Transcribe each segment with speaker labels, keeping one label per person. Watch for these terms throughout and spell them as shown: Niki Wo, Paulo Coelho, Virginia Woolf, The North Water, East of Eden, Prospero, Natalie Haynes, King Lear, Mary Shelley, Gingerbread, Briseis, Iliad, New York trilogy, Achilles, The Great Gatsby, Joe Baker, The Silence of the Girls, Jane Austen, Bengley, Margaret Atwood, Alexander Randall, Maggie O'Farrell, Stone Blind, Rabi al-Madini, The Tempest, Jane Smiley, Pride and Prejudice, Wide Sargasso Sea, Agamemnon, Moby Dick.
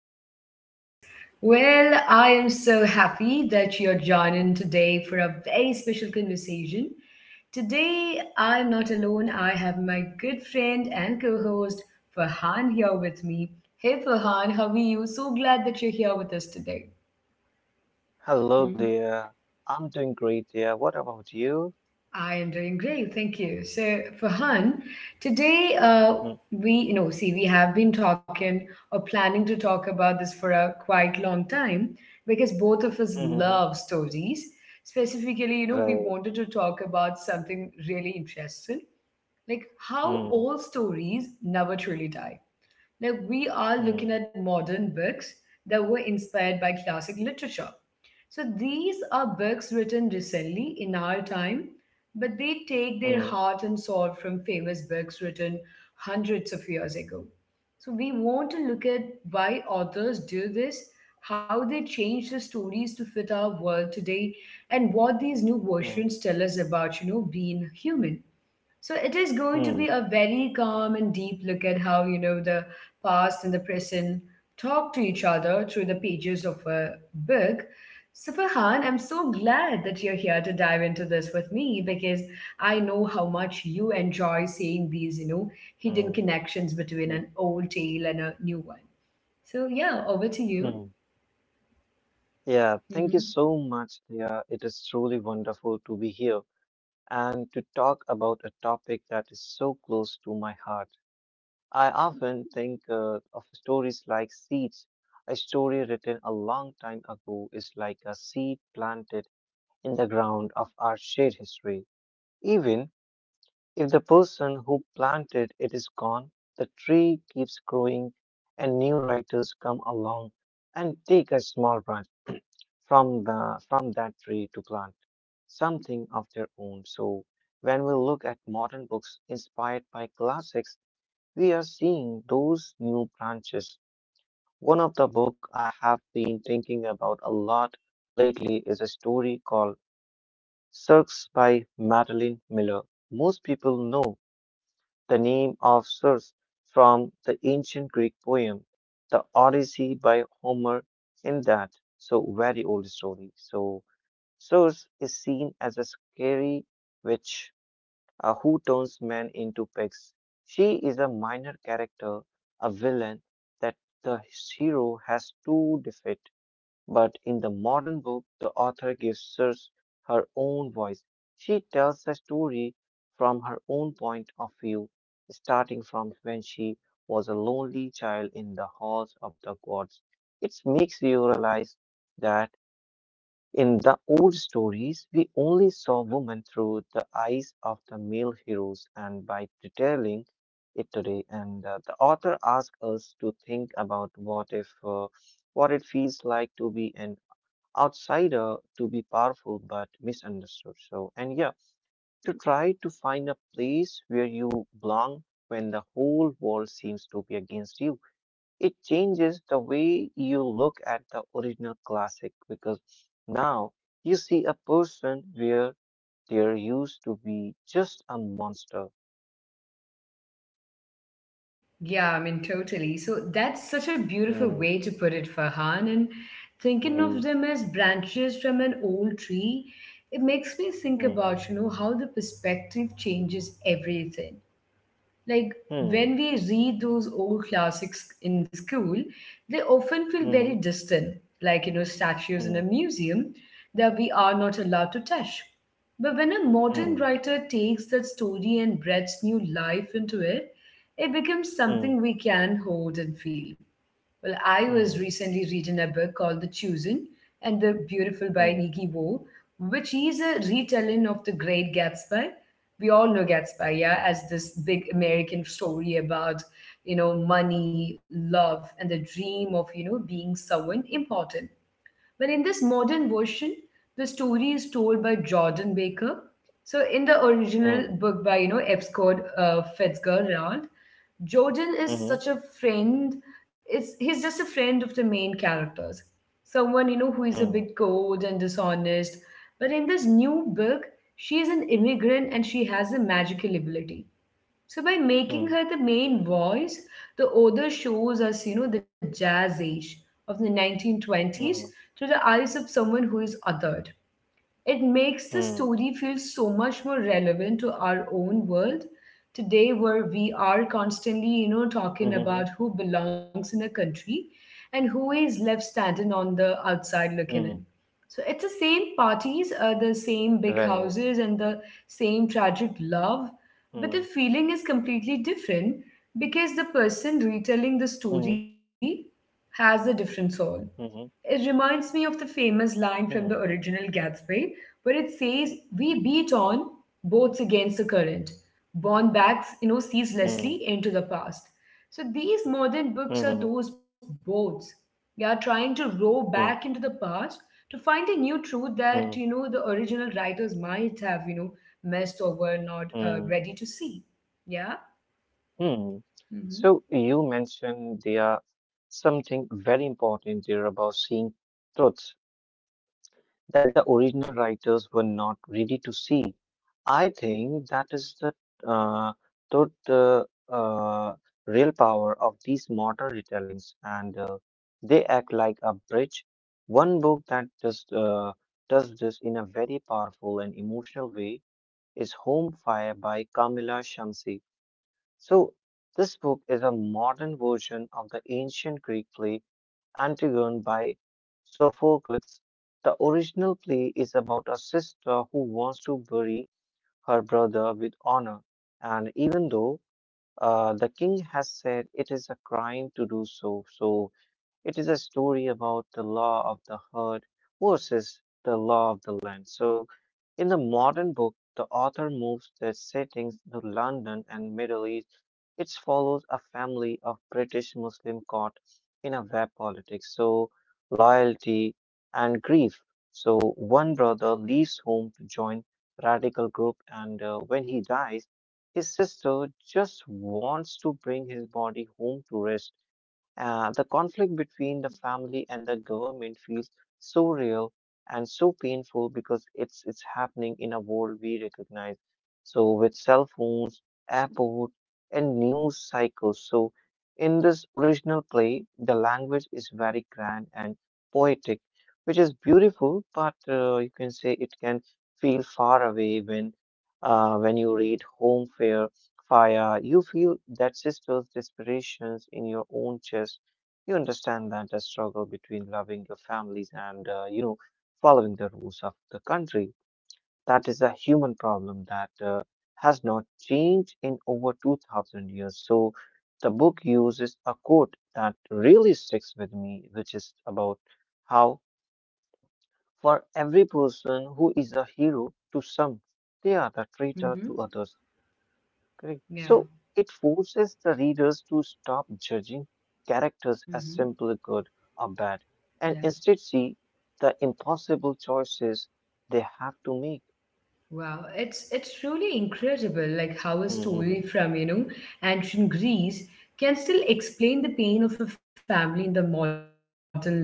Speaker 1: to our podcast. Well, I am so happy that you're joining today for a very special conversation. Today, I'm not alone. I have my good friend and co host Farhan here with me. Hey, Farhan, how are you? So glad that you're here with us today.
Speaker 2: Hello
Speaker 1: Hmm?
Speaker 2: there. I'm doing great dear. What about you?
Speaker 1: I am doing great, thank you. So, Farhan, today
Speaker 2: Mm,
Speaker 1: we, you know, see, we have been talking or planning to talk about this for a quite long time because both of us
Speaker 2: mm, mm,
Speaker 1: love stories. Specifically, you know, we
Speaker 2: Right.
Speaker 1: wanted to talk about something really interesting, like how
Speaker 2: Mm,
Speaker 1: all stories never truly die. Like we are looking
Speaker 2: mm,
Speaker 1: at modern books that were inspired by classic literature, so these are books written recently in our time, but they take their
Speaker 2: mm,
Speaker 1: heart and soul from famous books written hundreds of years ago. So we want to look at why authors do this, how they change the stories to fit our world today, and what these new
Speaker 2: mm,
Speaker 1: versions tell us about, you know, being human. So it is going to be
Speaker 2: mm,
Speaker 1: a very calm and deep look at how, you know, the past and the present talk to each other through the pages of a book. So Farhan, I'm so glad that you're here to dive into this with me because I know how much you enjoy seeing these, you know, hidden
Speaker 2: mm,
Speaker 1: connections between
Speaker 2: mm,
Speaker 1: an old tale and a new one. So yeah, over to you.
Speaker 2: mm. Yeah, thank you so much dear. It is truly wonderful to be here and to talk about a topic that is so close to my heart. I often think of stories like seeds. A story written a long time ago is like a seed planted in the ground of our shared history. Even if the person who planted it is gone, the tree keeps growing and new writers come along and take a small branch from that tree to plant something of their own. So when we look at modern books inspired by classics, we are seeing those new branches. One of the book I have been thinking about a lot lately is a story called Cirques by Madeline Miller. Most people know the name of Circe from the ancient Greek poem, the Odyssey by Homer, in that so very old story. So Circe is seen as a scary witch who turns men into pigs. She is a minor character, a villain that the hero has to defeat but in the modern book, the author gives Circe her own voice. She tells the story from her own point of view, starting from when she was a lonely child in the halls of the gods. It makes you realize that in the old stories, we only saw women through the eyes of the male heroes, and by detailing it today, and the author asks us to think about what if. What it feels like to be an outsider to be powerful but misunderstood. So, and yeah, to try to find a place where you belong when the whole world seems to be against you. It changes the way you look at the original classic because now you see a person where there used to be just a monster.
Speaker 1: Yeah, I mean, totally. So that's such a beautiful
Speaker 2: Hmm,
Speaker 1: way to put it, Farhan. And thinking of
Speaker 2: hmm,
Speaker 1: them as branches from an old tree, it makes me think
Speaker 2: hmm,
Speaker 1: about, you know, how the perspective changes everything. Like when
Speaker 2: hmm,
Speaker 1: we read those old classics in school, they often feel very
Speaker 2: hmm,
Speaker 1: distant, like, you know, statues in a
Speaker 2: hmm,
Speaker 1: museum that we are not allowed to touch. But when a modern writer takes that story and breathes new life into it, it becomes something
Speaker 2: hmm,
Speaker 1: we can hold and feel. Well, I was
Speaker 2: hmm,
Speaker 1: recently reading a book called The Chosen and the Beautiful by
Speaker 2: hmm,
Speaker 1: Niki Wo, which is a retelling of The Great Gatsby. We all know Gatsby, yeah, as this big American story about, you know, money, love, and the dream of, you know, being someone important. But in this modern version, the story is told by Jordan Baker. So in the original
Speaker 2: hmm,
Speaker 1: book by, you know, F. Scott Fitzgerald, Jordan
Speaker 2: hmm,
Speaker 1: is such
Speaker 2: hmm,
Speaker 1: a friend. It's He's just a friend of the main characters. Someone you know who is a
Speaker 2: hmm,
Speaker 1: bit cold and dishonest. But in this new book, she is an immigrant and she has a magical ability. So by
Speaker 2: hmm,
Speaker 1: making
Speaker 2: hmm.
Speaker 1: her the main voice, the author shows us, you know, the jazz age of the 1920s
Speaker 2: Hmm.
Speaker 1: through the eyes of someone who is othered. It makes the
Speaker 2: Hmm.
Speaker 1: story feel so much more relevant to our own world today, where we are
Speaker 2: Mhm.
Speaker 1: constantly, you know, talking about who belongs in a country and who is left standing
Speaker 2: Mm.
Speaker 1: on the outside looking in. So it's the same parties,
Speaker 2: Right.
Speaker 1: the same big houses, and the same tragic
Speaker 2: Mm.
Speaker 1: love, but the feeling is completely different because the person
Speaker 2: Mhm.
Speaker 1: retelling the story has a different
Speaker 2: Mhm.
Speaker 1: soul. It reminds me of the famous
Speaker 2: Mm.
Speaker 1: line from the original Gatsby, where it says, "We beat on, boats against the current, borne back, you know,
Speaker 2: Mm.
Speaker 1: ceaselessly into the past." So these modern
Speaker 2: Mhm.
Speaker 1: books are those boats. They are trying to row
Speaker 2: Mm.
Speaker 1: back into the past to find a new truth
Speaker 2: Mm.
Speaker 1: that, you know, the original writers might have, you know, messed over, not
Speaker 2: Mm.
Speaker 1: ready to see. Yeah?
Speaker 2: Mm. So
Speaker 1: Mm-hmm.
Speaker 2: you mentioned there something very important there about seeing truth that the original writers were not ready to see. I think that is the uh, to the real power of these modern retellings, and they act like a bridge. One book that does this in a very powerful and emotional way is Home Fire by Kamila Shamsi. So this book is a modern version of the ancient Greek play Antigone by Sophocles. The original play is about a sister who wants to bury her brother with honor, and even though the king has said it is a crime to do so, so it is a story about the law of the herd versus the law of the land. So, in the modern book, the author moves the settings to London and Middle East. It follows a family of British Muslim caught in a web politics, so loyalty and grief. So one brother leaves home to join radical group, and when he dies, his sister just wants to bring his body home to rest. The conflict between the family and the government feels so real and so painful because it's happening in a world we recognize. So with cell phones, airport, and news cycles. So in this original play, the language is very grand and poetic, which is beautiful, but you can say it can feel far away when when you read Home Fair Fire. You feel that sister's desperations in your own chest you understand that the struggle between loving your families and, following the rules of the country. That is a human problem that has not changed in over 2000 years. So the book uses a quote that really sticks with me, which is about how for every person who is a hero to some, they are the traitor to
Speaker 1: Mm-hmm.
Speaker 2: others. Correct.
Speaker 1: Yeah.
Speaker 2: So it forces the readers to stop judging characters
Speaker 1: Mm-hmm.
Speaker 2: as simply good or bad
Speaker 1: Yeah.
Speaker 2: and instead see the impossible choices they have to make.
Speaker 1: Wow, it's truly incredible, like how a story
Speaker 2: Mhm,
Speaker 1: from, you know, ancient Greece can still explain the pain of a family in the modern London.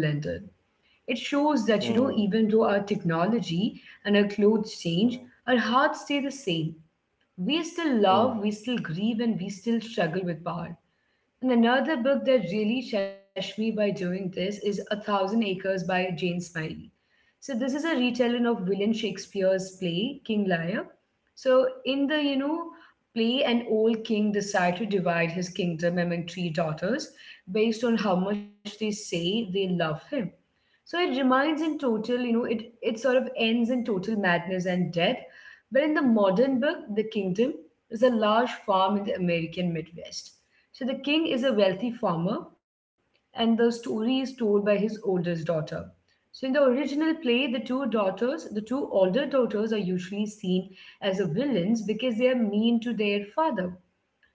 Speaker 1: It shows that you know even though our
Speaker 2: mhm,
Speaker 1: technology and our clothes change, our hearts
Speaker 2: mhm,
Speaker 1: stay the same. We still love, we still
Speaker 2: mhm,
Speaker 1: grieve, and we still struggle with power. And another book that really touched me by doing this is A Thousand Acres by Jane Smiley. So this is a retelling of William Shakespeare's play King Lear. So in the, you know, play, an old king decides to divide his kingdom among three daughters based on how much they say they love him. So it reminds in total, you know, it sort of ends in total madness and death. But in the modern book, the kingdom is a large farm in the American Midwest. So the king is a wealthy farmer, and the story is told by his oldest daughter. So in the original play, the two daughters, the two older daughters, are usually seen as the villains because they are mean to their father.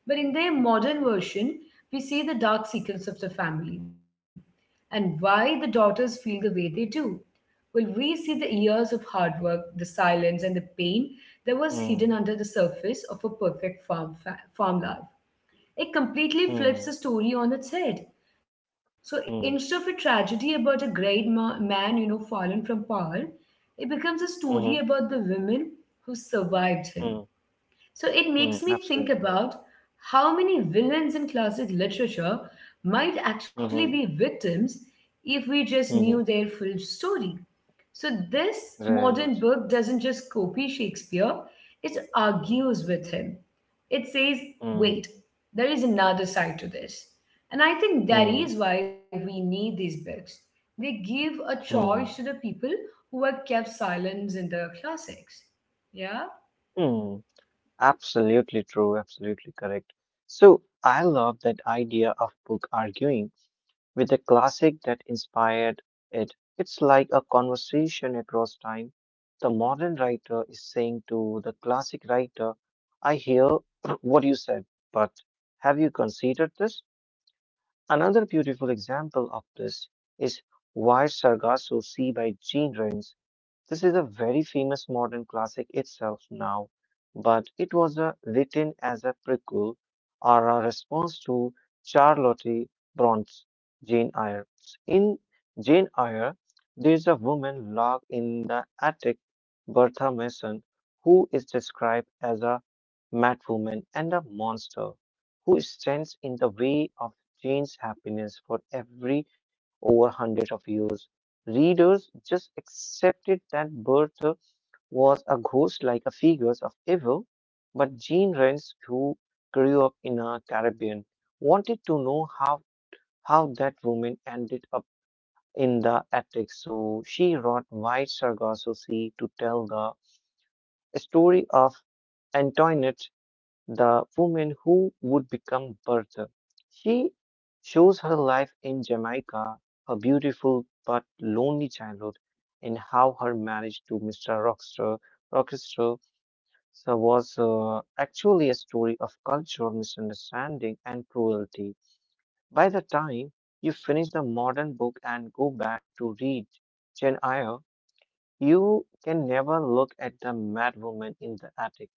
Speaker 1: But in their modern version, we see the dark secrets of the family and why the daughters feel the way they do. Well, we see the years of hard work, the silence, and the pain that
Speaker 2: mhm,
Speaker 1: was hidden under the surface of a perfect farm, farm life. It
Speaker 2: mhm,
Speaker 1: completely flips the story on its head. So
Speaker 2: mhm,
Speaker 1: instead of a tragedy about a great man, you know, fallen from power, it becomes a story
Speaker 2: mhm,
Speaker 1: about the women who survived
Speaker 2: mhm,
Speaker 1: him, so it
Speaker 2: mhm,
Speaker 1: makes me think
Speaker 2: Absolutely.
Speaker 1: about how many villains in classic literature might actually
Speaker 2: Mhm,
Speaker 1: be victims if we just
Speaker 2: mhm,
Speaker 1: knew their full story. So this
Speaker 2: Right.
Speaker 1: modern book doesn't just copy Shakespeare, it
Speaker 2: Mhm,
Speaker 1: argues with him. It says, wait,
Speaker 2: mhm,
Speaker 1: there is another side to this. And I think that
Speaker 2: mhm,
Speaker 1: is why we need these books. They give a choice to
Speaker 2: mhm,
Speaker 1: the people who were kept silent in the classics. Yeah?
Speaker 2: mhm. Absolutely true. Absolutely correct. So I love that idea of book arguing with the classic that inspired it. It's like a conversation across time. The modern writer is saying to the classic writer, I hear what you said, but have you considered this? Another beautiful example of this is Why Sargasso Sea by Jean Rings. This is a very famous modern classic itself now, but it was written as a prequel or a response to Charlotte Bronte's Jane Eyre. In Jane Eyre, there's a woman locked in the attic, Bertha Mason, who is described as a madwoman and a monster who stands in the way changed happiness for every over hundred of years. Readers just accepted that Bertha was a ghost like a figure of evil, but Jean Rens, who grew up in a Caribbean, wanted to know how that woman ended up in the attic. So she wrote White Sargasso Sea to tell the story of Antoinette the woman who would become Bertha. She shows her life in Jamaica, her beautiful but lonely childhood, and how her marriage to Mr. Rockstar so was actually a story of cultural misunderstanding and cruelty. By the time you finish the modern book and go back to read Jane Eyre, you can never look at the mad woman in the attic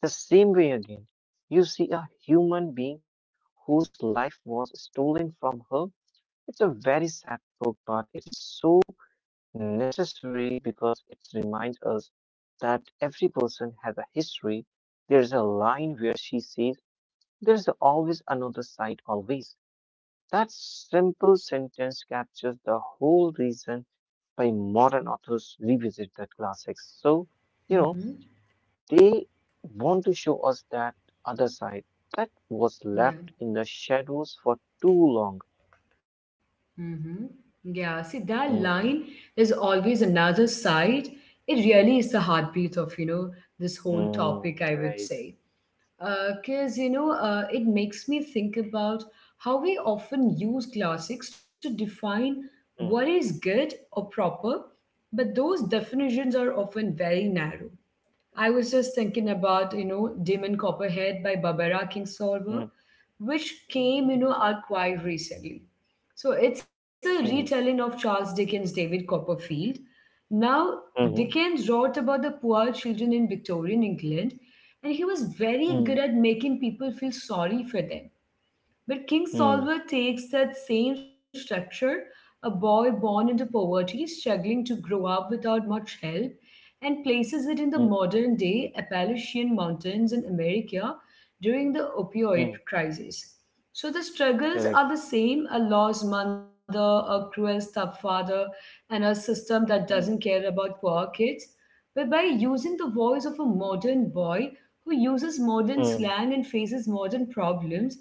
Speaker 2: the same way again, you see a human being whose life was stolen from her. It's a very sad book, but it is so necessary because it reminds us that every person has a history. There's a line where she says, there's always another side, always. That simple sentence captures the whole reason why modern authors revisit the classics. So, you know,
Speaker 1: Mm-hmm.
Speaker 2: they want to show us that other side that was
Speaker 1: Yeah.
Speaker 2: left in the shadows for too long.
Speaker 1: Mm-hmm. Yeah. See, that line
Speaker 2: Hmm.
Speaker 1: is always another side. It really is the heartbeat of, you know, this whole topic,
Speaker 2: Hmm.
Speaker 1: I would
Speaker 2: Right.
Speaker 1: say. Because, you know, it makes me think about how we often use classics to define what
Speaker 2: Hmm.
Speaker 1: is good or proper, but those definitions are often very narrow. I was just thinking about, you know, Demon Copperhead by Barbara Kingsolver,
Speaker 2: Hmm.
Speaker 1: which came, you know, out quite recently. So it's a retelling
Speaker 2: Hmm.
Speaker 1: of Charles Dickens' David Copperfield. Now, Dickens
Speaker 2: Hmm.
Speaker 1: wrote about the poor children in Victorian England, and he was very good
Speaker 2: Hmm.
Speaker 1: at making people feel sorry for them. But King
Speaker 2: Hmm.
Speaker 1: Solver takes that same structure, a boy born into poverty, struggling to grow up without much help, and places it in the
Speaker 2: Hmm.
Speaker 1: modern day Appalachian Mountains in America during the opioid
Speaker 2: Hmm.
Speaker 1: crisis. So the struggles are the
Speaker 2: Correct.
Speaker 1: same: a lost mother, a cruel stepfather, and a system that doesn't
Speaker 2: Hmm.
Speaker 1: care about poor kids. But by using the voice of a modern boy who uses modern
Speaker 2: Hmm.
Speaker 1: slang and faces modern problems,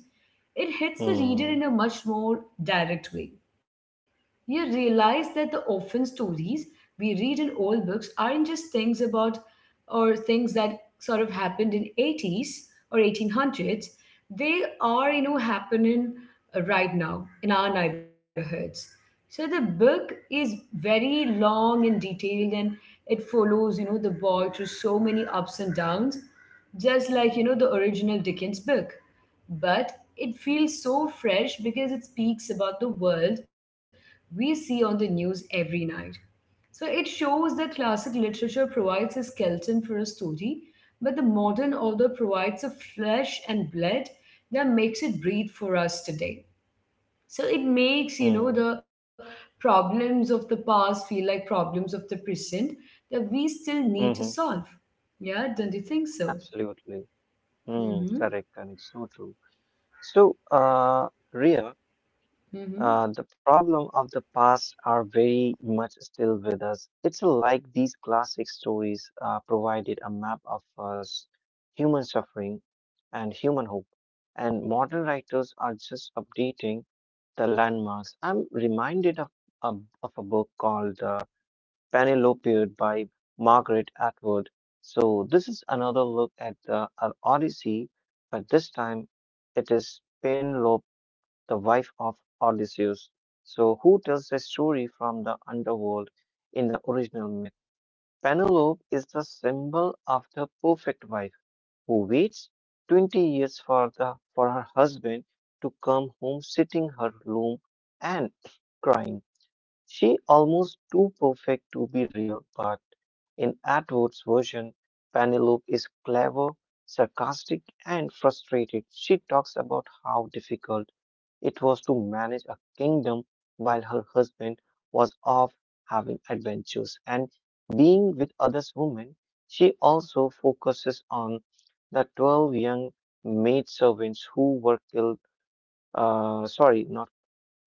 Speaker 1: it hits the reader
Speaker 2: Hmm.
Speaker 1: in a much more direct way. You realize that the often stories we read in old books aren't just things about or things that sort of happened in 80s or 1800s. They are, you know, happening right now in our neighborhoods. So the book is very long and detailed and it follows, you know, the boy through so many ups and downs, just like, you know, the original Dickens book, but it feels so fresh because it speaks about the world we see on the news every night. So it shows that classic literature provides a skeleton for a story, but the modern author provides a flesh and blood that makes it breathe for us today. So it makes, you know,
Speaker 2: Hmm.
Speaker 1: the problems of the past feel like problems of the present that we still need to
Speaker 2: Hmm.
Speaker 1: solve. Yeah, don't you think so?
Speaker 2: Absolutely. Hmm.
Speaker 1: Mm-hmm.
Speaker 2: Correct. Correct. So true. So, Ria.
Speaker 1: Mm-hmm.
Speaker 2: The problem of the past are very much still with us. It's like these classic stories provided a map of us, human suffering and human hope. And modern writers are just updating the landmarks. I'm reminded of a book called Penelope by Margaret Atwood. So this is another look at the Odyssey, but this time it is Penelope the wife of Odysseus. So, who tells the story from the underworld in the original myth? Penelope is the symbol of the perfect wife who waits 20 years for her husband to come home, sitting her loom and crying. She almost too perfect to be real, but in Atwood's version, Penelope is clever, sarcastic, and frustrated. She talks about how difficult it was to manage a kingdom while her husband was off having adventures and being with other women. She also focuses on the 12 young maidservants who were killed, sorry, not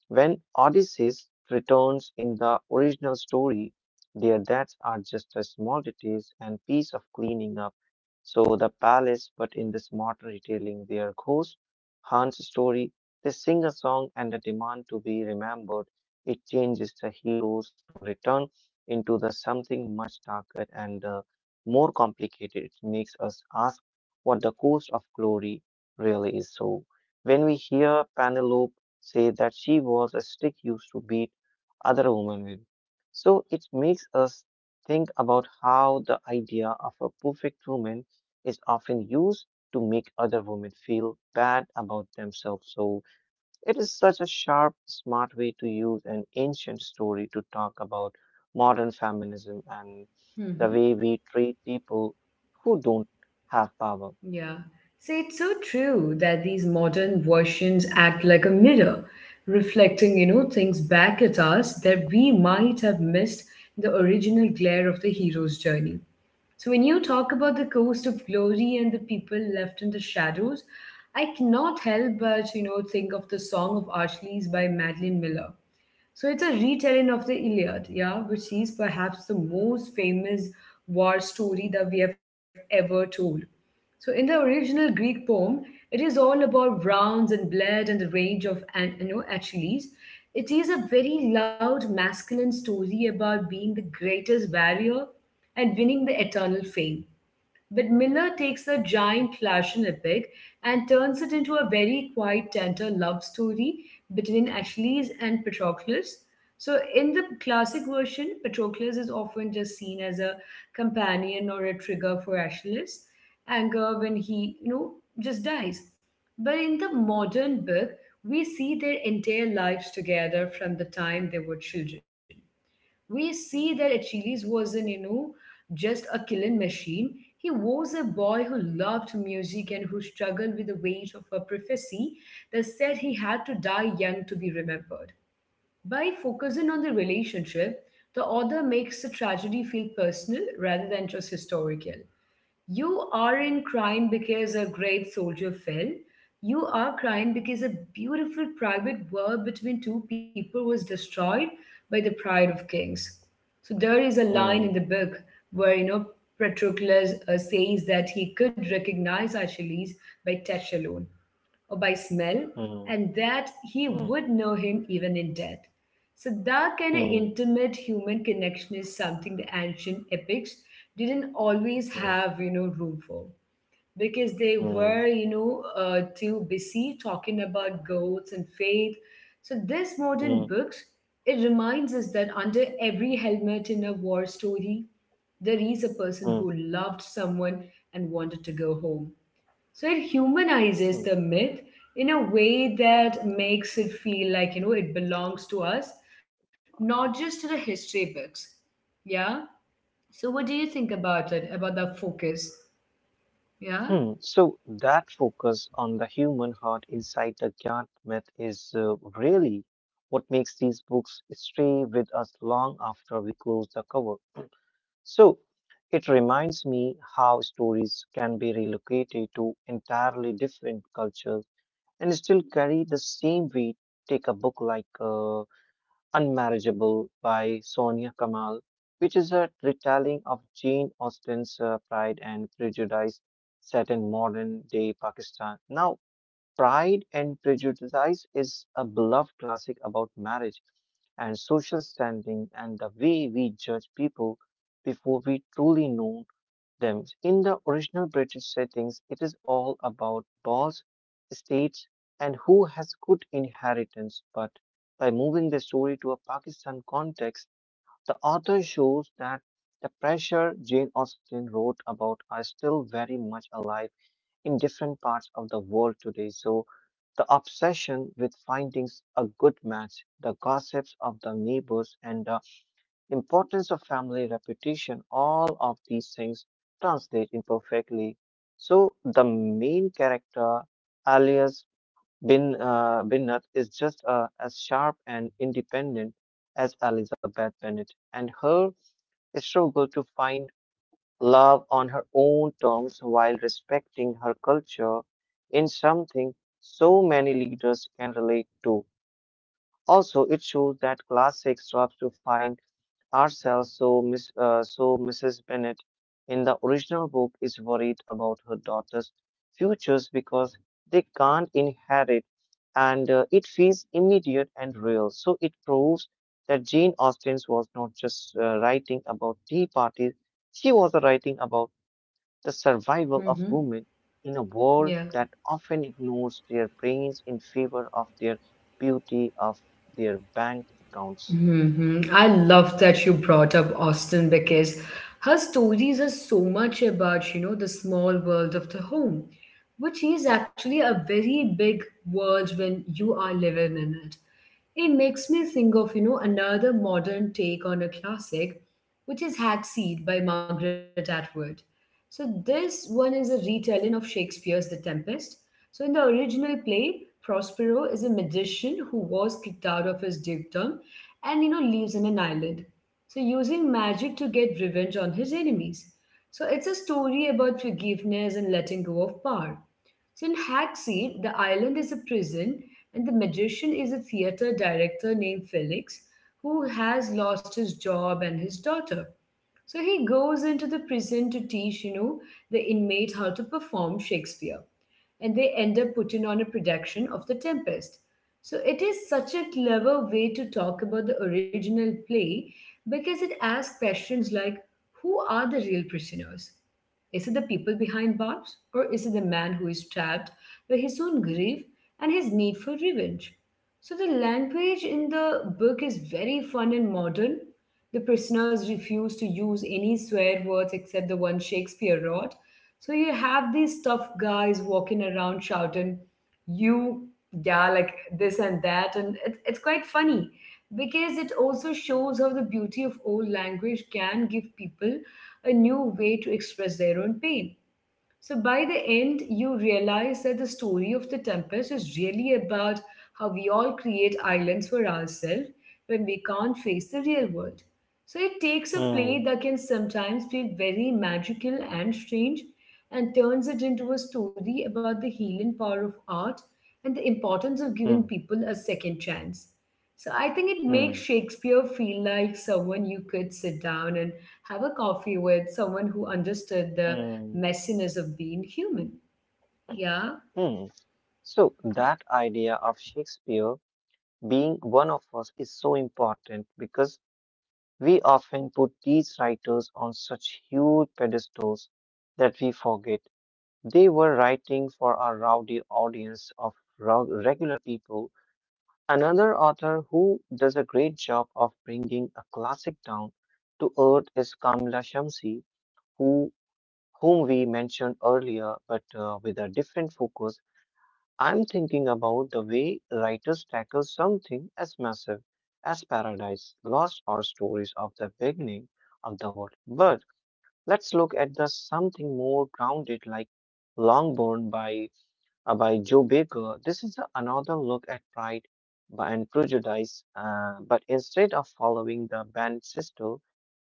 Speaker 2: when Odysseus returns in the original story, their deaths are just as small details and piece of cleaning up. So the palace, but in this modern retelling, their ghost haunts story. They sing a song and a demand to be remembered. It changes the heroes to return into the something much darker and more complicated. It makes us ask what the cost of glory really is. So when we hear Penelope say that she was a stick used to beat other women with. So it makes us think about how the idea of a perfect woman is often used to make other women feel bad about themselves. So it is such a sharp, smart way to use an ancient story to talk about modern feminism and the
Speaker 1: Mm-hmm.
Speaker 2: way we treat people who don't have power.
Speaker 1: Yeah. So it's so true that these modern versions act like a mirror, reflecting, you know, things back at us that we might have missed in the original glare of the hero's journey. So when you talk about the coast of glory and the people left in the shadows, I cannot help but, you know, think of the Song of Achilles by Madeline Miller. So it's a retelling of the Iliad, yeah, which is perhaps the most famous war story that we have ever told. So in the original Greek poem, it is all about rounds and blood and the rage of an, you know, Achilles. It is a very loud masculine story about being the greatest warrior and winning the eternal fame. But Miller takes the giant Flash and epic and turns it into a very quite, tender love story between Achilles and Patroclus. So, in the classic version, Patroclus is often just seen as a companion or a trigger for Achilles' anger when he, you know, just dies. But in the modern book, we see their entire lives together from the time they were children. We see that Achilles wasn't, you know, just a killing machine. He was a boy who loved music and who struggled with the weight of a prophecy that said he had to die young to be remembered. By focusing on the relationship, the author makes the tragedy feel personal rather than just historical. You aren't crying because a great soldier fell. You are crying because a beautiful private war between two people was destroyed by the pride of kings. So there is a line in the
Speaker 2: Mm,
Speaker 1: book where Patroclus says that he could recognize Achilles by touch alone or by smell,
Speaker 2: mm,
Speaker 1: and that he
Speaker 2: mm,
Speaker 1: would know him even in death. So that kind of
Speaker 2: mm,
Speaker 1: intimate human connection is something the ancient epics didn't always
Speaker 2: mm,
Speaker 1: have, room for because they
Speaker 2: mm,
Speaker 1: were, too busy talking about goats and faith. So this
Speaker 2: mm,
Speaker 1: modern
Speaker 2: mm.
Speaker 1: books, it reminds us that under every helmet in a war story, there is a person
Speaker 2: Mm.
Speaker 1: who loved someone and wanted to go home. So it
Speaker 2: Hmm.
Speaker 1: humanizes the myth in a way that makes it feel like, it belongs to us, not just to the history books. Yeah. So what do you think about it, about the focus? Yeah.
Speaker 2: Hmm. So that focus on the human heart inside the Gyat myth is really what makes these books stay with us long after we close the cover. So it reminds me how stories can be relocated to entirely different cultures and still carry the same weight. Take a book like Unmarriageable by Sonia Kamal, which is a retelling of Jane Austen's Pride and Prejudice set in modern day Pakistan. Now, Pride and Prejudice is a beloved classic about marriage and social standing and the way we judge people before we truly know them. In the original British settings, it is all about boss, estates, and who has good inheritance. But by moving the story to a Pakistan context, the author shows that the pressure Jane Austen wrote about are still very much alive in different parts of the world today. So the obsession with finding a good match, the gossips of the neighbors, and the importance of family reputation, all of these things translate imperfectly. So the main character, alias Binnat, is just as sharp and independent as Elizabeth Bennet, and her struggle to find love on her own terms while respecting her culture in something so many leaders can relate to. Also, it shows that classic strives to find ourselves. So Mrs. Bennet in the original book is worried about her daughter's futures because they can't inherit, and it feels immediate and real. So it proves that Jane Austen was not just writing about tea parties; she was writing about the survival of
Speaker 1: Mm-hmm.
Speaker 2: women in a world
Speaker 1: Yeah.
Speaker 2: that often ignores their brains in favor of their beauty of their bank accounts.
Speaker 1: Hmm. I love that you brought up Austen because her stories are so much about, the small world of the home, which is actually a very big world when you are living in it. It makes me think of, another modern take on a classic, which is Hagseed by Margaret Atwood. So this one is a retelling of Shakespeare's The Tempest. So in the original play, Prospero is a magician who was kicked out of his dukedom and lives on an island, so using magic to get revenge on his enemies. So it's a story about forgiveness and letting go of power. So in Hackseed, the island is a prison, and the magician is a theater director named Felix who has lost his job and his daughter. So he goes into the prison to teach, the inmate how to perform Shakespeare. And they end up putting on a production of The Tempest. So it is such a clever way to talk about the original play because it asks questions like who are the real prisoners? Is it the people behind bars, or is it the man who is trapped by his own grief and his need for revenge? So, the language in the book is very fun and modern. The prisoners refuse to use any swear words except the one Shakespeare wrote. So, you have these tough guys walking around shouting, you, yeah, like this and that. And it's quite funny because it also shows how the beauty of old language can give people a new way to express their own pain. So by the end, you realize that the story of the Tempest is really about how we all create islands for ourselves when we can't face the real world. So it takes a play
Speaker 2: Hmm.
Speaker 1: that can sometimes feel very magical and strange and turns it into a story about the healing power of art and the importance of
Speaker 2: Hmm.
Speaker 1: giving people a second chance. So I think it
Speaker 2: Hmm.
Speaker 1: makes Shakespeare feel like someone you could sit down and have a coffee with, someone who understood the
Speaker 2: Mm,
Speaker 1: messiness of being human. Yeah.
Speaker 2: hmm. So that idea of Shakespeare being one of us is so important because we often put these writers on such huge pedestals that we forget they were writing for a rowdy audience of regular people. Another author who does a great job of bringing a classic down to earth is Kamla Shamsi, who whom we mentioned earlier, but with a different focus. I'm thinking about the way writers tackle something as massive as Paradise Lost or stories of the beginning of the world. But let's look at the something more grounded like Longbourn by Joe Baker. This is another look at Pride and Prejudice, but instead of following the band sister,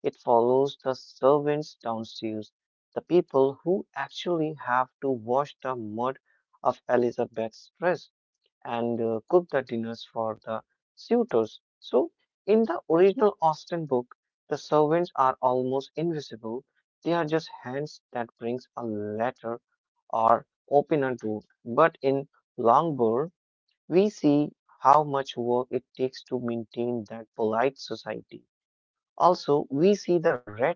Speaker 2: it follows the servants downstairs, the people who actually have to wash the mud of Elizabeth's dress and cook the dinners for the suitors. So, in the original Austen book, the servants are almost invisible. They are just hands that brings a letter or open a door. But in Longbourn, we see how much work it takes to maintain that polite society. Also, we see the red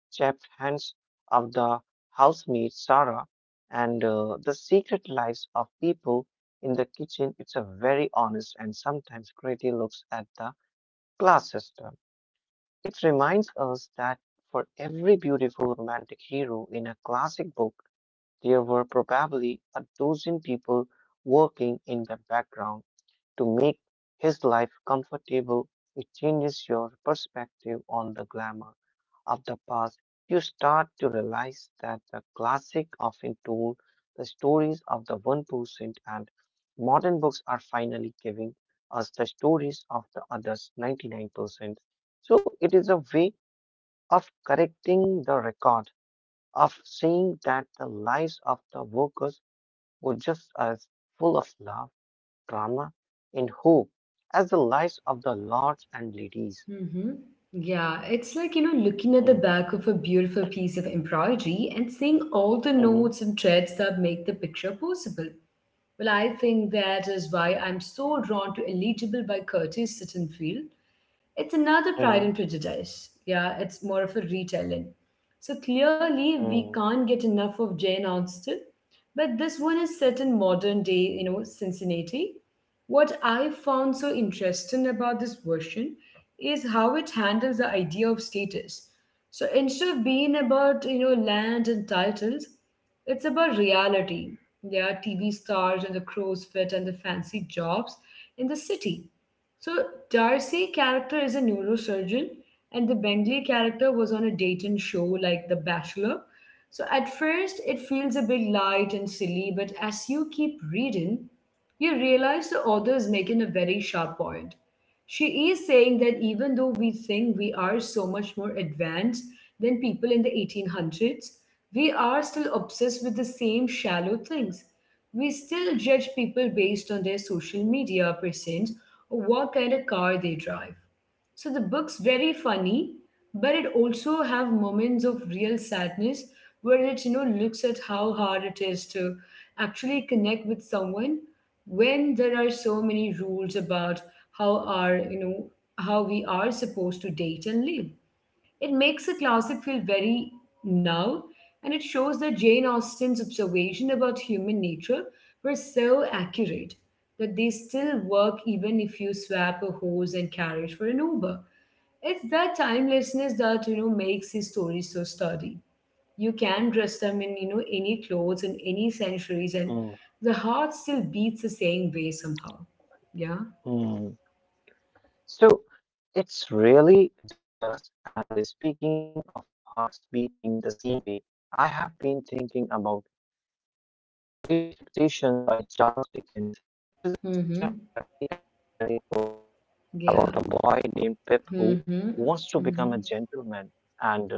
Speaker 2: chapped hands of the housemaid Sarah and the secret lives of people in the kitchen. It's a very honest and sometimes gritty looks at the class system. It reminds us that for every beautiful romantic hero in a classic book, there were probably a dozen people working in the background to make his life comfortable. It changes your perspective on the glamour of the past. You start to realize that the classic often told the stories of the 1% and modern books are finally giving us the stories of the others 99%. So it is a way of correcting the record, of saying that the lives of the workers were just as full of love, drama, and hope as the lives of the lords and ladies.
Speaker 1: Mm-hmm. Yeah, it's like, looking at the
Speaker 2: Mm,
Speaker 1: back of a beautiful piece of embroidery and seeing all the
Speaker 2: mhm,
Speaker 1: notes and threads that make the picture possible. Well, I think that is why I'm so drawn to Eligible by Curtis Sittenfield. It's another Pride
Speaker 2: mhm,
Speaker 1: and Prejudice. Yeah, it's more of a retelling. So clearly, we
Speaker 2: mm,
Speaker 1: can't get enough of Jane Austen, but this one is set in modern day, Cincinnati. What I found so interesting about this version is how it handles the idea of status. So instead of being about, land and titles, it's about reality. There are TV stars and the crow's feet and the fancy jobs in the city. So Darcy character is a neurosurgeon, and the Bengley character was on a dating show like The Bachelor. So at first it feels a bit light and silly, but as you keep reading, you realize the author is making a very sharp point. She is saying that even though we think we are so much more advanced than people in the 1800s, we are still obsessed with the same shallow things. We still judge people based on their social media presence or what kind of car they drive. So the book's very funny, but it also have moments of real sadness where it looks at how hard it is to actually connect with someone when there are so many rules about how are you know how we are supposed to date and live. It makes the classic feel very now, and it shows that Jane Austen's observation about human nature were so accurate that they still work even if you swap a horse and carriage for an uber. It's that timelessness that makes these stories so sturdy. You can dress them in any clothes in any centuries, and
Speaker 2: mm,
Speaker 1: the heart still beats the same way somehow. Yeah.
Speaker 2: mm. So it's really does. And speaking of hearts beating the same way, I have been thinking about Great Expectation by Charles Dickens. It is such a
Speaker 1: Mm-hmm.
Speaker 2: heavy, atmospheric book about a boy
Speaker 1: Yeah.
Speaker 2: named Pip who wants to
Speaker 1: Mm-hmm.
Speaker 2: become a
Speaker 1: Mm-hmm.
Speaker 2: gentleman and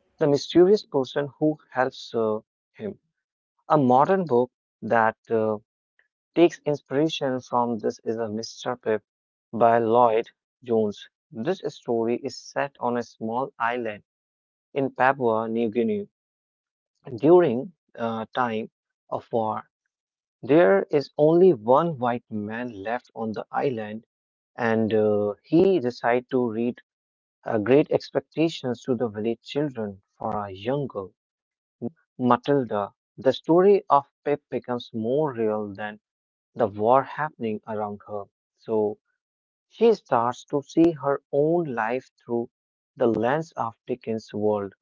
Speaker 2: the mysterious person who helps him. A modern book that takes inspiration from this is a Mr. Pip by Lloyd Jones. This story is set on a small island in Papua New Guinea during time of war. There is only one white man left on the island, and he decided to read Great Expectations to the village children for a young girl named Matilda. The story of Pip becomes more real than the war happening around her. So she starts to see her own life through the lens of Dickens' world.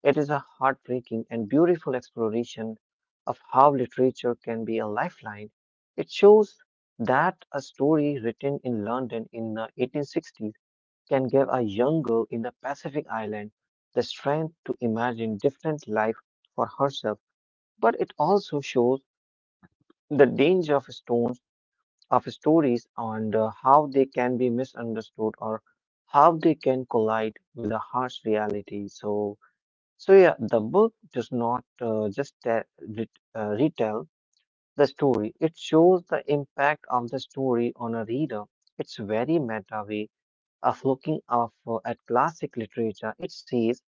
Speaker 2: It is a heartbreaking and beautiful exploration of how literature can be a lifeline. It shows that a story written in London in the 1860s can give a young girl in the Pacific Island the strength to imagine different life for herself. But it also shows the danger of stone of stories and how they can be misunderstood or how they can collide with a harsh reality. So yeah, the book does not just retell the story; it shows the impact of the story on a reader. It's very meta way of looking at classic literature. It says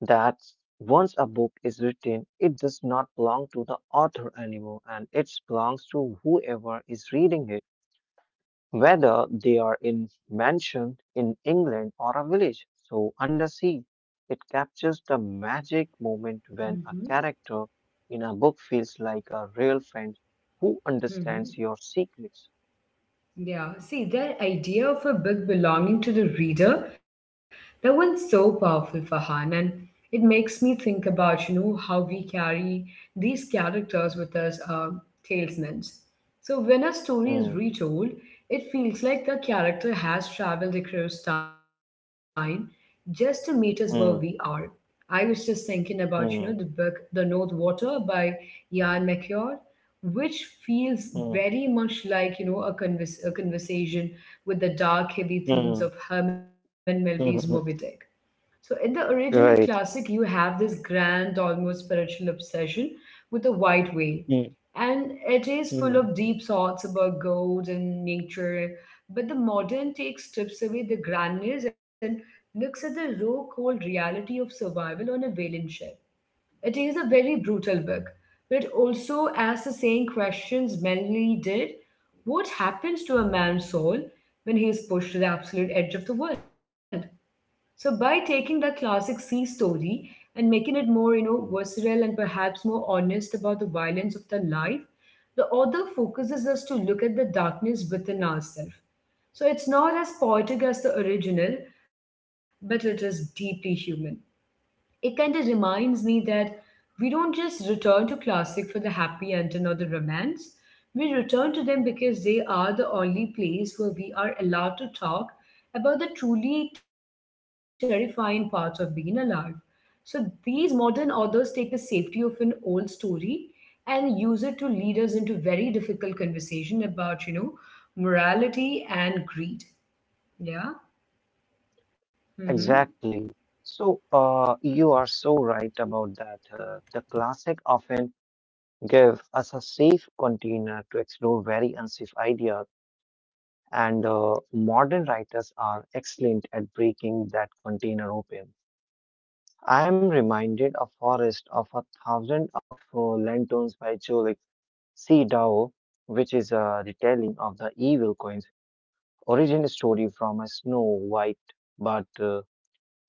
Speaker 2: that once a book is written, it does not belong to the author anymore, and it belongs to whoever is reading it, whether they are in mansion in England or a village. So Undersea, it captures the magic moment when a
Speaker 1: Mm-hmm.
Speaker 2: character in a book feels like a real friend who
Speaker 1: Mm-hmm.
Speaker 2: understands your secrets.
Speaker 1: Yeah. See, that idea of a book belonging to the reader, that one's so powerful, Farhan, and it makes me think about, how we carry these characters with us, talesmen. So when a story is
Speaker 2: Hmm,
Speaker 1: retold, it feels like the character has traveled across time just to meet us where we are.
Speaker 2: hmm,
Speaker 1: I was just thinking about, the book
Speaker 2: hmm,
Speaker 1: The North Water by Ian McEwan, which feels very
Speaker 2: hmm,
Speaker 1: much like, a conversation with the dark, heavy themes of
Speaker 2: hmm,
Speaker 1: Herman Melville's Moby Dick.
Speaker 2: hmm, hmm.
Speaker 1: So in the original classic, you
Speaker 2: Right.
Speaker 1: have this grand, almost spiritual obsession with the white whale,
Speaker 2: Mm,
Speaker 1: and it is full of
Speaker 2: mm,
Speaker 1: deep thoughts about God and nature. But the modern take strips away the grandness and looks at the raw, cold reality of survival on a whaling ship. It is a very brutal book, but it also asks the same questions Melanie did. What happens to a man's soul when he is pushed to the absolute edge of the world? So by taking that classic sea story and making it more, visceral and perhaps more honest about the violence of the life, the author focuses us to look at the darkness within ourselves. So it's not as poetic as the original, but it is deeply human. It kind of reminds me that we don't just return to classic for the happy ending or the romance. We return to them because they are the only place where we are allowed to talk about the truly terrifying parts of being alive. So these modern authors take the safety of an old story and use it to lead us into very difficult conversation about, morality and greed. Yeah. Mm-hmm.
Speaker 2: exactly. So, you are so right about that. The classic often give us a safe container to explore very unsafe ideas, and modern writers are excellent at breaking that container open. I am reminded of Forest of a Thousand of Lanterns by Cholik C. Dao, which is a retelling of the Evil Coins origin story from a Snow White, but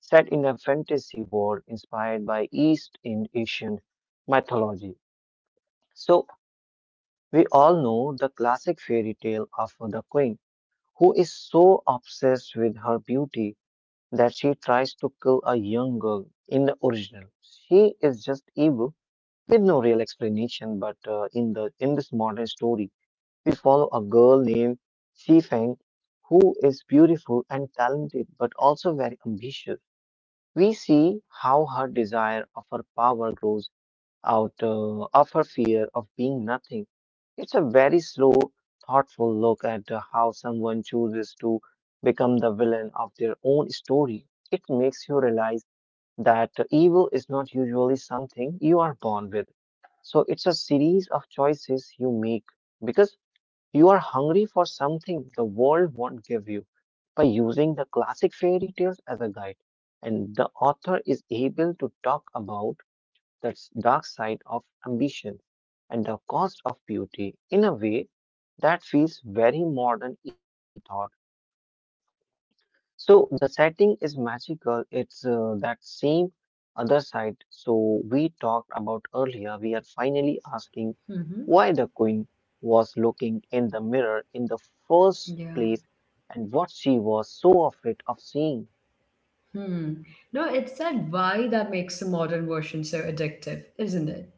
Speaker 2: set in a fantasy world inspired by East in Asian mythology. So we all know the classic fairy tale of the queen who is so obsessed with her beauty that she tries to kill a young girl in the original. She is just evil with no real explanation, but in this modern story, we follow a girl named Xi Feng who is beautiful and talented but also very ambitious. We see how her desire of her power grows out of her fear of being nothing. It's a very slow, thoughtful look at how someone chooses to become the villain of their own story. It makes you realize that evil is not usually something you are born with. So it's a series of choices you make because you are hungry for something the world won't give you by using the classic fairy tales as a guide. And the author is able to talk about that's dark side of ambition and the cost of beauty in a way that feels very modern even thought so the setting is magical. It's that same other side so we talked about earlier. We are finally asking
Speaker 1: Mm-hmm.
Speaker 2: why the queen was looking in the mirror in the first
Speaker 1: Yeah.
Speaker 2: place and what she was so afraid of seeing.
Speaker 1: Hmm. No, it's that why that makes the modern version so addictive, isn't it?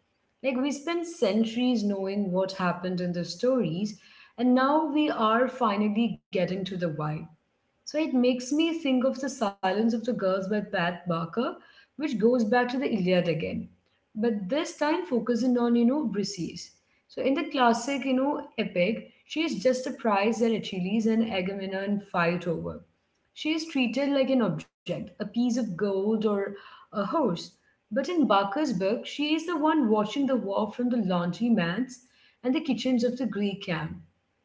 Speaker 1: Like we spent centuries knowing what happened in the stories, and now we are finally getting to the why. So it makes me think of The Silence of the Girls by Pat Barker, which goes back to the Iliad again, but this time focusing on, Briseis. So in the classic, epic, she is just a prize that Achilles and Agamemnon fight over. She is treated like an object, a piece of gold or a horse. But in Barker's book, she is the one watching the war from the laundry mats and the kitchens of the Greek camp.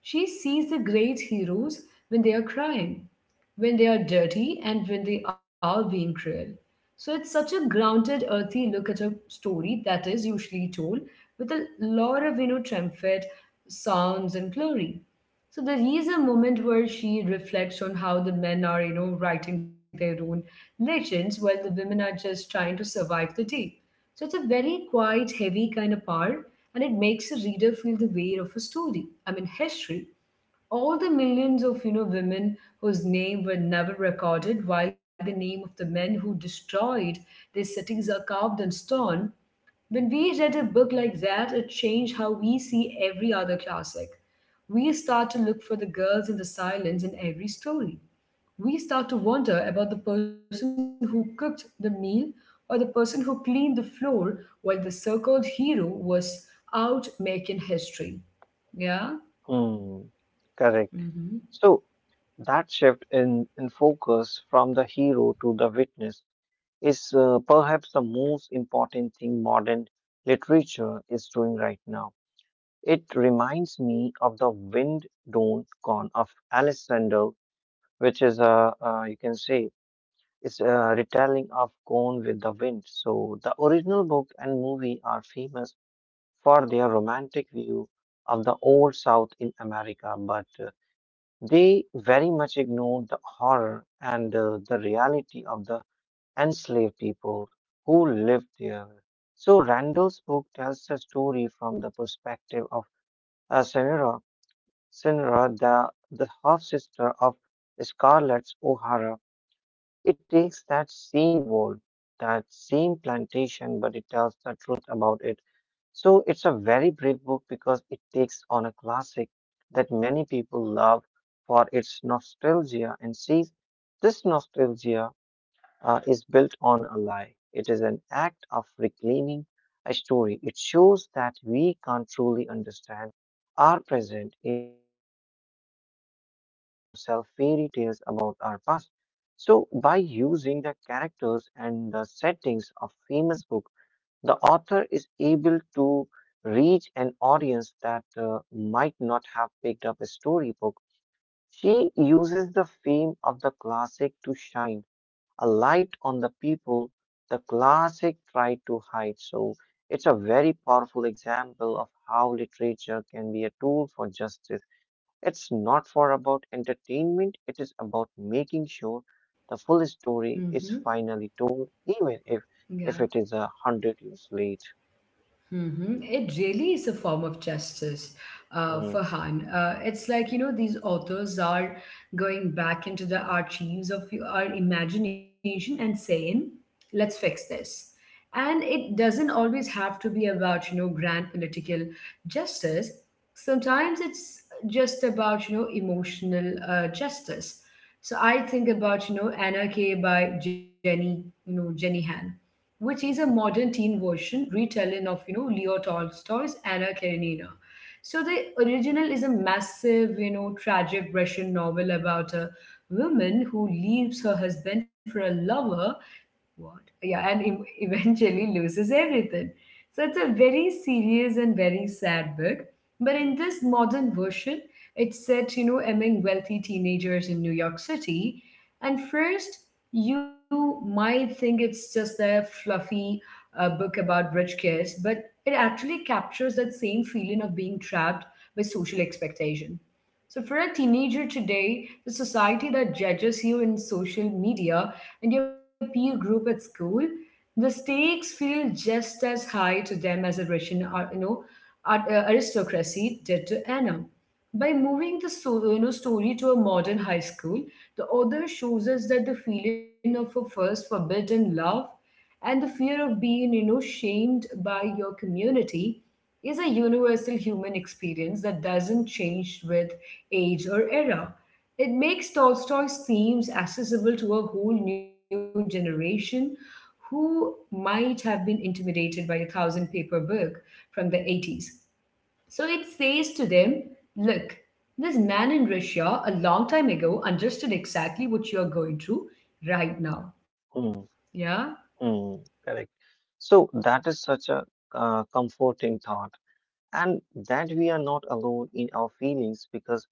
Speaker 1: She sees the great heroes when they are crying, when they are dirty, and when they are being cruel. So it's such a grounded, earthy look at a story that is usually told with a lot of, triumphant sounds and glory. So there is a moment where she reflects on how the men are, writing their own legends while the women are just trying to survive the day. So it's a very quiet, heavy kind of part, and it makes a reader feel the weight of a story. I mean, history, all the millions of women whose name were never recorded while the name of the men who destroyed their cities are carved in stone. When we read a book like that, it changed how we see every other classic. We start to look for the girls in the silence in every story. We start to wonder about the person who cooked the meal or the person who cleaned the floor while the so-called hero was out making history. Yeah.
Speaker 2: Hmm, correct.
Speaker 1: Mm-hmm.
Speaker 2: So that shift in focus from the hero to the witness is perhaps the most important thing modern literature is doing right now. It reminds me of the Wind Don't Gone of Alexander, which is a you can say is a retelling of Gone with the Wind. So the original book and movie are famous for their romantic view of the old South in America, but they very much ignored the horror and the reality of the enslaved people who lived there. So Randall's book tells the story from the perspective of uh, Senora, Senora, the half-sister of Scarlett O'Hara. It takes that same world, that same plantation, but it tells the truth about it. So it's a very brave book because it takes on a classic that many people love for its nostalgia and sees this nostalgia is built on a lie. It is an act of reclaiming a story. It shows that we can't truly understand our present in if we keep telling ourselves fairy tales about our past. So, by using the characters and the settings of famous book, the author is able to reach an audience that might not have picked up a storybook. She uses the fame of the classic to shine a light on the people the classic tried to hide. So, it's a very powerful example of how literature can be a tool for justice. It's not for about entertainment, it is about making sure the full story
Speaker 1: Mm-hmm.
Speaker 2: is finally told, even
Speaker 1: Yeah.
Speaker 2: if it is 100 years late.
Speaker 1: Mhm. It really is a form of justice,
Speaker 2: Mm,
Speaker 1: Farhan. It's like, these authors are going back into the archives of our imagination and saying, let's fix this. And it doesn't always have to be about, grand political justice. Sometimes it's just about, emotional justice. So I think about, Anarchy by Jenny, Jenny Han, which is a modern teen version retelling of Leo Tolstoy's Anna Karenina. So the original is a massive, tragic Russian novel about a woman who leaves her husband for a lover. What? Yeah, and eventually loses everything. So it's a very serious and very sad book. But in this modern version, it's set, among wealthy teenagers in New York City. And first, you might think it's just a fluffy book about rich kids, but it actually captures that same feeling of being trapped by social expectation. So for a teenager today, the society that judges you in social media and your peer group at school, the stakes feel just as high to them as a Russian, aristocracy did to Anna. By moving the story to a modern high school, the author shows us that the feeling of a first forbidden love and the fear of being, shamed by your community is a universal human experience that doesn't change with age or era. It makes Tolstoy's themes accessible to a whole new generation who might have been intimidated by a thousand paper book from the 80s. So it says to them, look, this man in Russia a long time ago understood exactly what you are going through right now.
Speaker 2: mm,
Speaker 1: Yeah?
Speaker 2: mm, correct. So that is such a comforting thought, and that we are not alone in our feelings because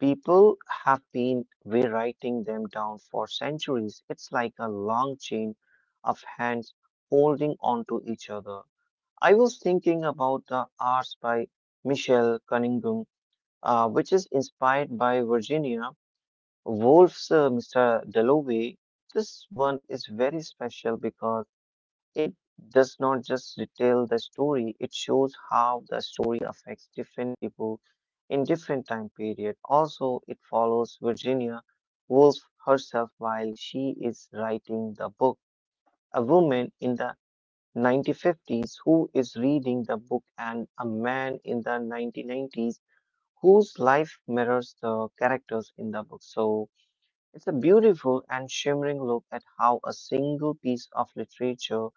Speaker 2: people have been rewriting them down for centuries. It's like a long chain of hands holding on to each other. I was thinking about the Arts by Michelle Cunningham, which is inspired by Virginia Woolf's Mr. Dalloway. This one is very special because it does not just retell the story, it shows how the story affects different people in different time period. Also, it follows Virginia Woolf herself while she is writing the book. A woman in the 1950s who is reading the book and a man in the 1990s whose life mirrors the characters in the book. So it's a beautiful and shimmering look at how a single piece of literature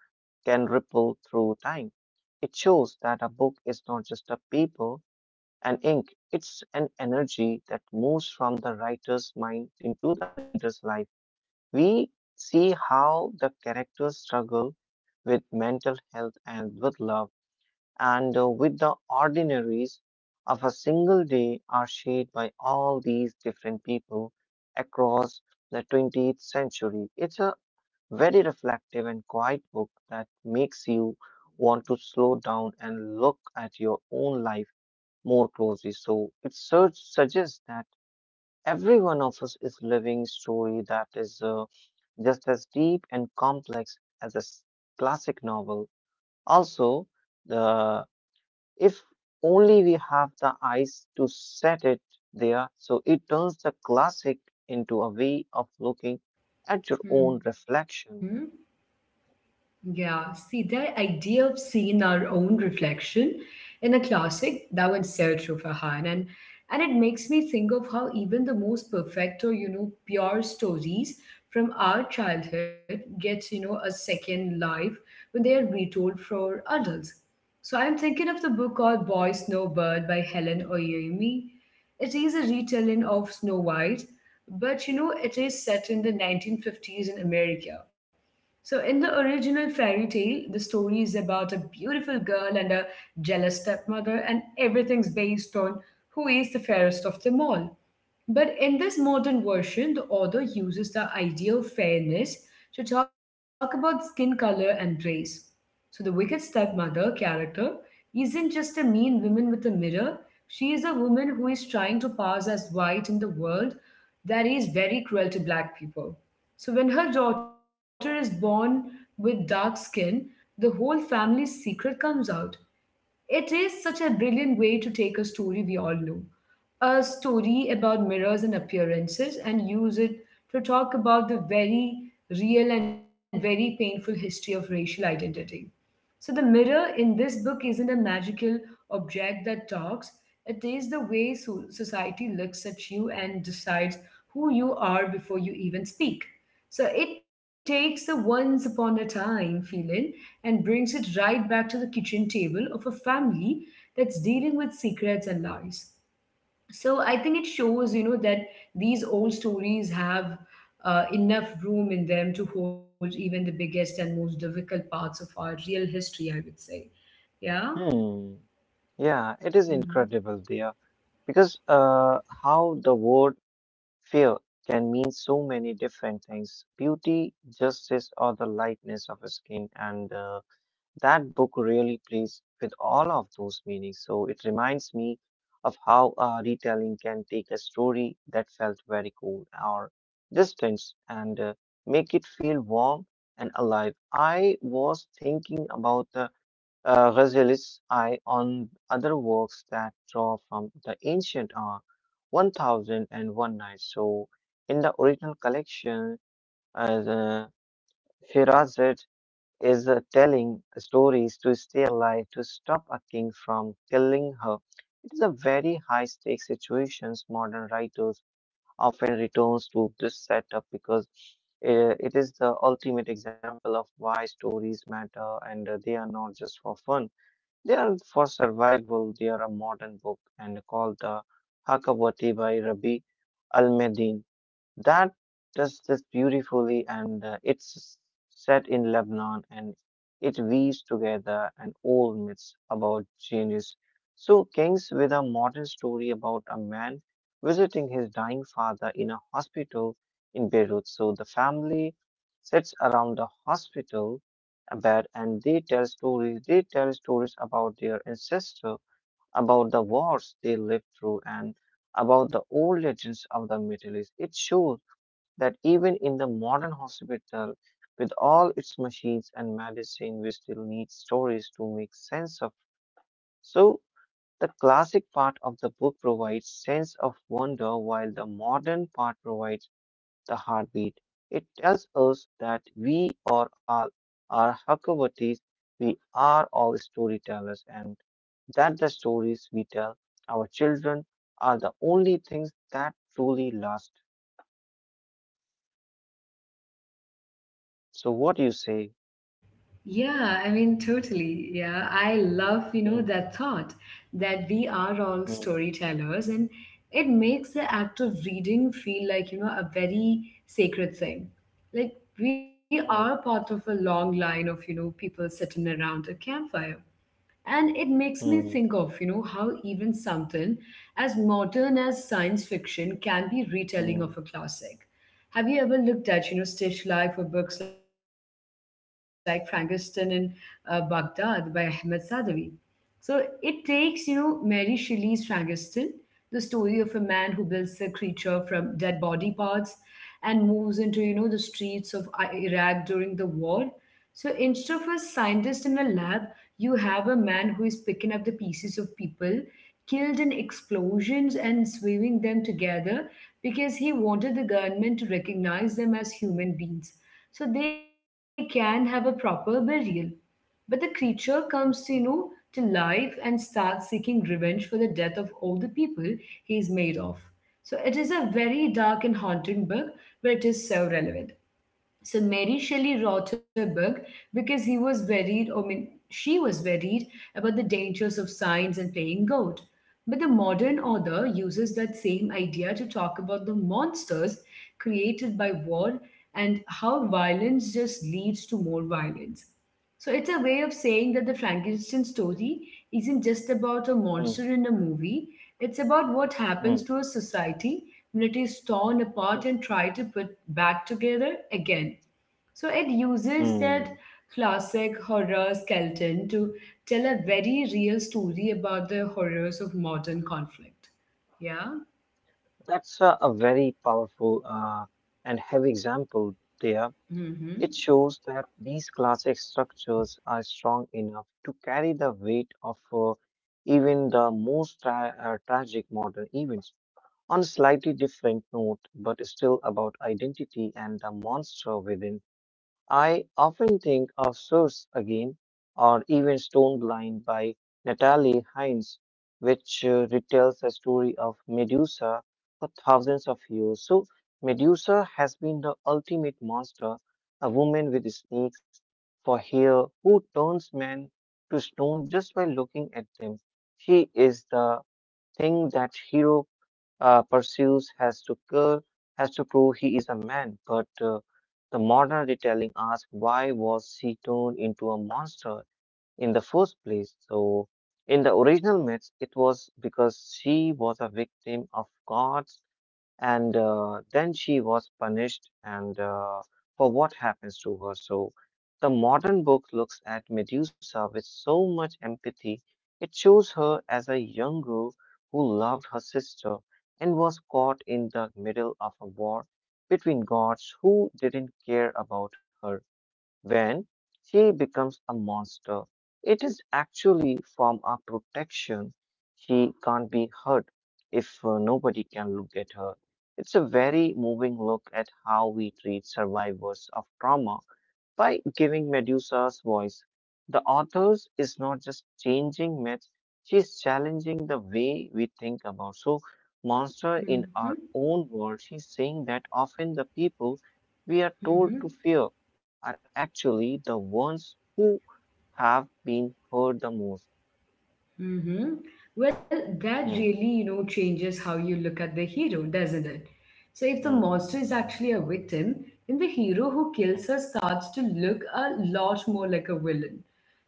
Speaker 2: can ripple through time. It shows that a book is not just a paper and ink, it's an energy that moves from the writer's mind into the reader's life. We see how the characters struggle with mental health and with love, and with the ordinaries of a single day are shaped by all these different people across the 20th century. It's a very reflective and quiet book that makes you want to slow down and look at your own life more closely. So it suggests that every one of us is living story that is just as deep and complex as a classic novel. Also, the if only we have the eyes to set it there, so it turns the classic into a way of looking at your own
Speaker 1: Mm-hmm.
Speaker 2: reflection.
Speaker 1: Yeah, see, the idea of seeing our own reflection in a classic, that one's so true, Farhan. And it makes me think of how even the most perfect or, pure stories from our childhood gets, a second life when they are retold for adults. So I'm thinking of the book called Boy Snowbird by Helen Oyoimi. It is a retelling of Snow White, but, it is set in the 1950s in America. So, in the original fairy tale, the story is about a beautiful girl and a jealous stepmother, and everything's based on who is the fairest of them all. But in this modern version, the author uses the idea of fairness to talk about skin color and race. So the wicked stepmother character isn't just a mean woman with a mirror, she is a woman who is trying to pass as white in the world that is very cruel to black people. So when her daughter is born with dark skin, the whole family's secret comes out. It is such a brilliant way to take a story we all know, a story about mirrors and appearances, and use it to talk about the very real and very painful history of racial identity. So the mirror in this book isn't a magical object that talks. It is the way society looks at you and decides who you are before you even speak. So it takes the once upon a time feeling and brings it right back to the kitchen table of a family that's dealing with secrets and lies. So I think it shows that these old stories have enough room in them to hold even the biggest and most difficult parts of our real history, I would say. Yeah.
Speaker 2: Hmm. Yeah, it is
Speaker 1: Mhm.
Speaker 2: incredible there because how the word fear can mean so many different things, beauty, justice, or the lightness of skin. And that book really plays with all of those meanings. So it reminds me of how a retelling can take a story that felt very cold or distant and make it feel warm and alive. I was thinking about the Ghazali's eye on other works that draw from the ancient are 1001 Nights. So, in the original collection, as Shirazad is telling stories to stay alive to stop a king from killing her. It is a very high stakes situations. Modern writers often returns to this setup because it is the ultimate example of why stories matter, and they are not just for fun. They are for survival. They are a modern book and called the Hakawati by Rabi al-Madini. That does this beautifully, and it's set in Lebanon, and it weaves together an old myth about genius. So, kings with a modern story about a man visiting his dying father in a hospital in Beirut. So, the family sits around the hospital bed and they tell stories. They tell stories about their ancestor, about the wars they lived through, and about the old legends of the Middle East. It shows that even in the modern hospital, with all its machines and medicine, we still need stories to make sense of. So, the classic part of the book provides sense of wonder, while the modern part provides the heartbeat. It tells us that we are all are Hakavatis, we are all storytellers, and that the stories we tell our children are the only things that truly last. So, what do you say?
Speaker 1: Yeah, I mean, totally. Yeah, I love
Speaker 2: Mm,
Speaker 1: that thought that we are all
Speaker 2: mm.
Speaker 1: storytellers, and it makes the act of reading feel like a very sacred thing, like we are
Speaker 2: Mm,
Speaker 1: part of a long line of people sitting around a campfire. And it makes me
Speaker 2: mm,
Speaker 1: think of, how even something as modern as science fiction can be retelling
Speaker 2: mm,
Speaker 1: of a classic. Have you ever looked at, stage life or books like Frankenstein in Baghdad by Ahmed Sadawi? So it takes, Mary Shelley's Frankenstein, the story of a man who builds a creature from dead body parts and moves into, the streets of Iraq during the war. So instead of a scientist in a lab, you have a man who is picking up the pieces of people killed in explosions and sewing them together because he wanted the government to recognize them as human beings so they can have a proper burial. But the creature comes to to life and starts seeking revenge for the death of all the people he is made of. So it is a very dark and haunting book, but it is so relevant. So Mary Shelley wrote her book because he was worried, I mean, she was worried about the dangers of science and playing God. But the modern author uses that same idea to talk about the monsters created by war and how violence just leads to more violence. So it's a way of saying that the Frankenstein story isn't just about a
Speaker 2: mm,
Speaker 1: monster in a movie, it's about what happens to
Speaker 2: mm,
Speaker 1: a society, communities torn apart
Speaker 2: mm,
Speaker 1: and try to put back together again. So it uses that
Speaker 2: mm.
Speaker 1: classic horror skeleton to tell a very real story about the horrors of modern conflict. Yeah.
Speaker 2: That's a very powerful and heavy example there. It
Speaker 1: Mm-hmm.
Speaker 2: shows that these classic structures are strong enough to carry the weight of even the most tragic modern events. On a slightly different note, but still about identity and the monster within, I often think of Source again, or even Stone Blind by Natalie Hines, which retells the story of Medusa for thousands of years. So, Medusa has been the ultimate monster, a woman with snakes for hair who turns men to stone just by looking at them. She is the thing that hero pursues has to prove he is a man. But the modern retelling asks, why was she turned into a monster in the first place? So in the original myths, it was because she was a victim of gods, and then she was punished, and for what happens to her. So the modern book looks at Medusa with so much empathy. It shows her as a young girl who loved her sister and was caught in the middle of a war between gods who didn't care about her. When she becomes a monster, it is actually from our protection. She can't be hurt if nobody can look at her. It's a very moving look at how we treat survivors of trauma. By giving Medusa's voice, the authors is not just changing myths, she's challenging the way we think about so monster in our
Speaker 1: Mm-hmm.
Speaker 2: own world. She's saying that often the people we are told to
Speaker 1: Mm-hmm.
Speaker 2: fear are actually the ones who have been hurt the most.
Speaker 1: Mm-hmm. Well, that
Speaker 2: Hmm,
Speaker 1: really, changes how you look at the hero, doesn't it? So if the
Speaker 2: hmm,
Speaker 1: monster is actually a victim, then the hero who kills
Speaker 2: hmm,
Speaker 1: her starts to look a lot more like a villain.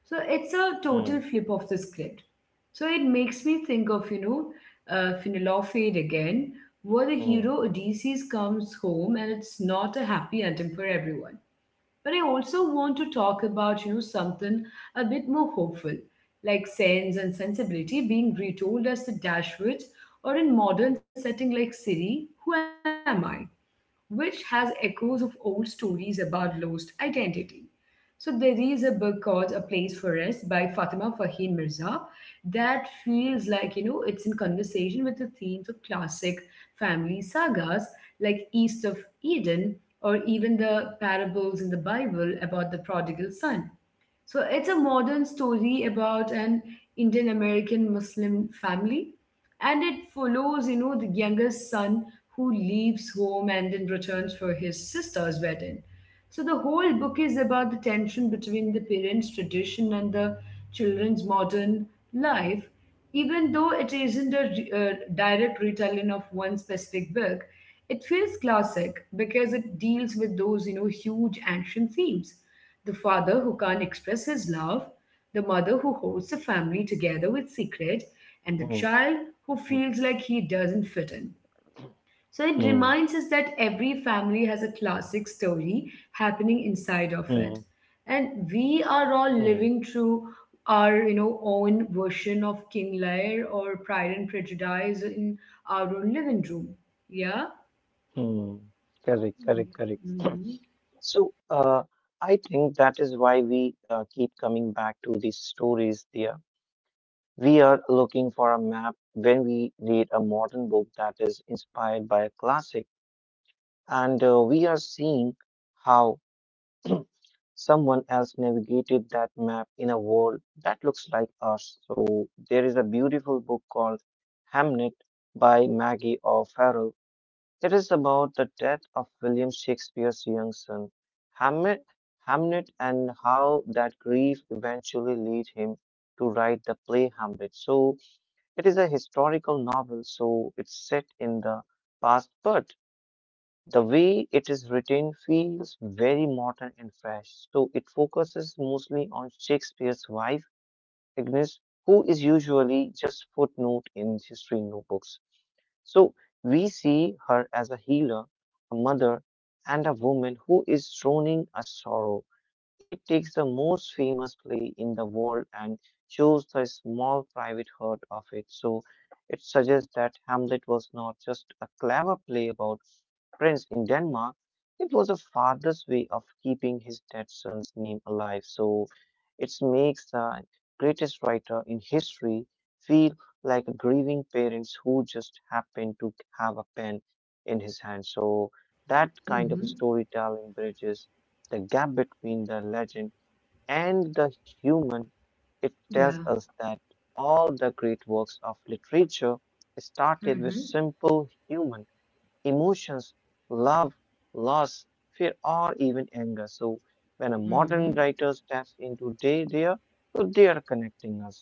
Speaker 1: So it's a
Speaker 2: hmm,
Speaker 1: total flip of the script. So it makes me think of, Finilaw Fade again, where the
Speaker 2: hmm,
Speaker 1: hero Odysseus comes home and it's not a happy ending for everyone. But I also want to talk about, something a bit more hopeful, like Sense and Sensibility being retold as the Dashwoods or in modern setting like Siri, Who Am I? Which has echoes of old stories about lost identity. So there is a book called A Place for Us by Fatima Fahim Mirza that feels like, it's in conversation with the themes of classic family sagas like East of Eden or even the parables in the Bible about the prodigal son. So it's a modern story about an Indian American Muslim family, and it follows, the youngest son who leaves home and then returns for his sister's wedding. So the whole book is about the tension between the parents' tradition and the children's modern life, even though it isn't a direct retelling of one specific book. It feels classic because it deals with those, huge ancient themes. The father who can't express his love, the mother who holds the family together with secret, and the
Speaker 2: hmm,
Speaker 1: child who
Speaker 2: hmm,
Speaker 1: feels like he doesn't fit in. So it
Speaker 2: hmm,
Speaker 1: reminds us that every family has a classic story happening inside of it.
Speaker 2: hmm,
Speaker 1: And we are all
Speaker 2: hmm.
Speaker 1: living through our, own version of King Lear or Pride and Prejudice in our own living room. Yeah.
Speaker 2: hmm. Correct, correct, correct.
Speaker 1: Mm-hmm.
Speaker 2: So I think that is why we keep coming back to these stories there. We are looking for a map when we read a modern book that is inspired by a classic, and we are seeing how someone else navigated that map in a world that looks like us. So there is a beautiful book called Hamnet by Maggie O'Farrell. It is about the death of William Shakespeare's young son, Hamlet, Hamnet, and how that grief eventually led him to write the play Hamlet. So it is a historical novel, so it's set in the past, but the way it is written feels very modern and fresh. So it focuses mostly on Shakespeare's wife Ignis, who is usually just footnote in history notebooks. So we see her as a healer, a mother, and a woman who is drowning a sorrow. It takes the most famous play in the world and shows the small private hurt of it. So it suggests that Hamlet was not just a clever play about prince in Denmark, it was a father's way of keeping his dead son's name alive. So it makes the greatest writer in history feel like a grieving parents who just happened to have a pen in his hand. So that kind of
Speaker 1: Mm-hmm.
Speaker 2: storytelling bridges the gap between the legend and the human. It tells
Speaker 1: Yeah.
Speaker 2: us that all the great works of literature started with
Speaker 1: Mm-hmm.
Speaker 2: simple human emotions, love, loss, fear, or even anger. So when a
Speaker 1: Mm-hmm.
Speaker 2: modern writer steps into they, so they are connecting us.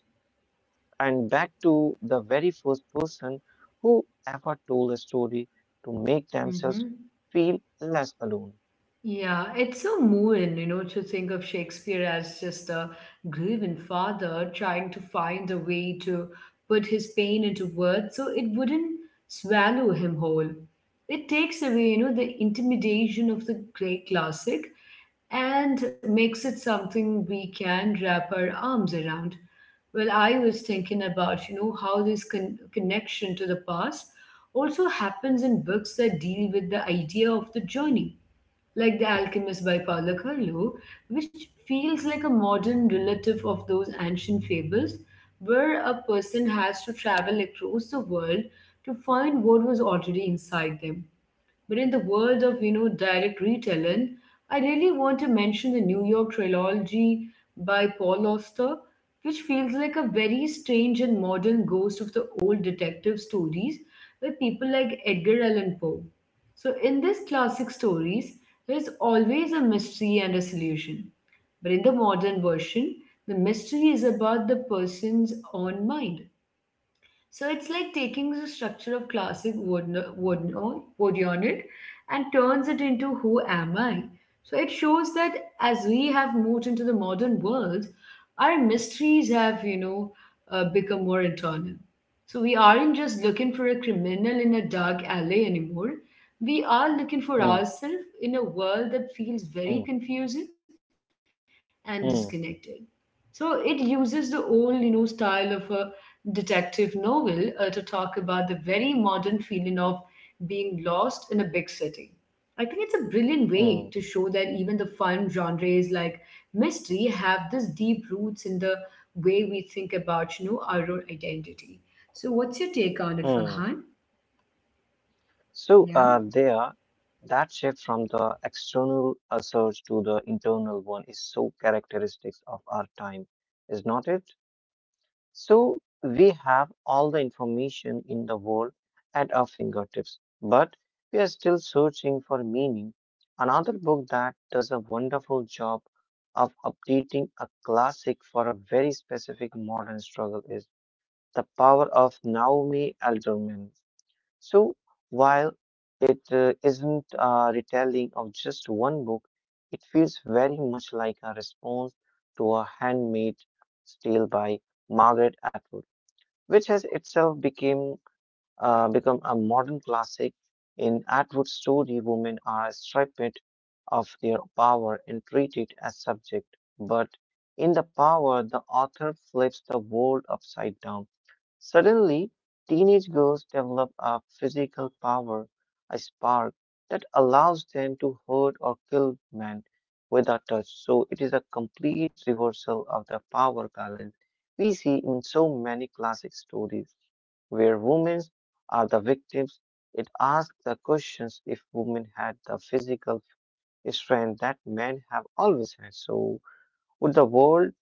Speaker 2: And back to the very first person who ever told a story to make themselves
Speaker 1: Mm-hmm.
Speaker 2: feel less alone.
Speaker 1: Yeah, it's so moving, to think of Shakespeare as just a grieving father trying to find a way to put his pain into words so it wouldn't swallow him whole. It takes away, the intimidation of the great classic and makes it something we can wrap our arms around. Well, I was thinking about, how this connection to the past also happens in books that deal with the idea of the journey, like The Alchemist by Paulo Coelho, which feels like a modern relative of those ancient fables where a person has to travel across the world to find what was already inside them. But in the world of direct retelling, I really want to mention the New York trilogy by Paul Auster, which feels like a very strange and modern ghost of the old detective stories by people like Edgar Allan Poe. So in these classic stories, there is always a mystery and a solution. But in the modern version, the mystery is about the person's own mind. So it's like taking the structure of classic Vodionid and turns it into who am I? So it shows that as we have moved into the modern world, our mysteries have, become more internal. So we aren't just looking for a criminal in a dark alley anymore. We are looking for
Speaker 2: Hmm,
Speaker 1: ourselves in a world that feels very
Speaker 2: hmm,
Speaker 1: confusing and disconnected.
Speaker 2: hmm,
Speaker 1: So it uses the old, style of a detective novel to talk about the very modern feeling of being lost in a big city. I think it's a brilliant way to
Speaker 2: hmm,
Speaker 1: show that even the fun genres like mystery have this deep roots in the way we think about, our own identity. So, what's your take on it,
Speaker 2: hmm.
Speaker 1: Farhan?
Speaker 2: So
Speaker 1: Yeah.
Speaker 2: there, that shift from the external search to the internal one is so characteristics of our time, is not it? So we have all the information in the world at our fingertips, but we are still searching for meaning. Another book that does a wonderful job of updating a classic for a very specific modern struggle is The Power of Naomi Alderman. So while it isn't a retelling of just one book, it feels very much like a response to a handmade tale by Margaret Atwood, which has itself became become a modern classic. In Atwood's story, women are stripped of their power and treated as subject. But in the power, the author flips the world upside down. Suddenly, teenage girls develop a physical power, a spark that allows them to hurt or kill men without touch. So it is a complete reversal of the power balance we see in so many classic stories where women are the victims. It asks the questions, if women had the physical strength that men have always had, so would the world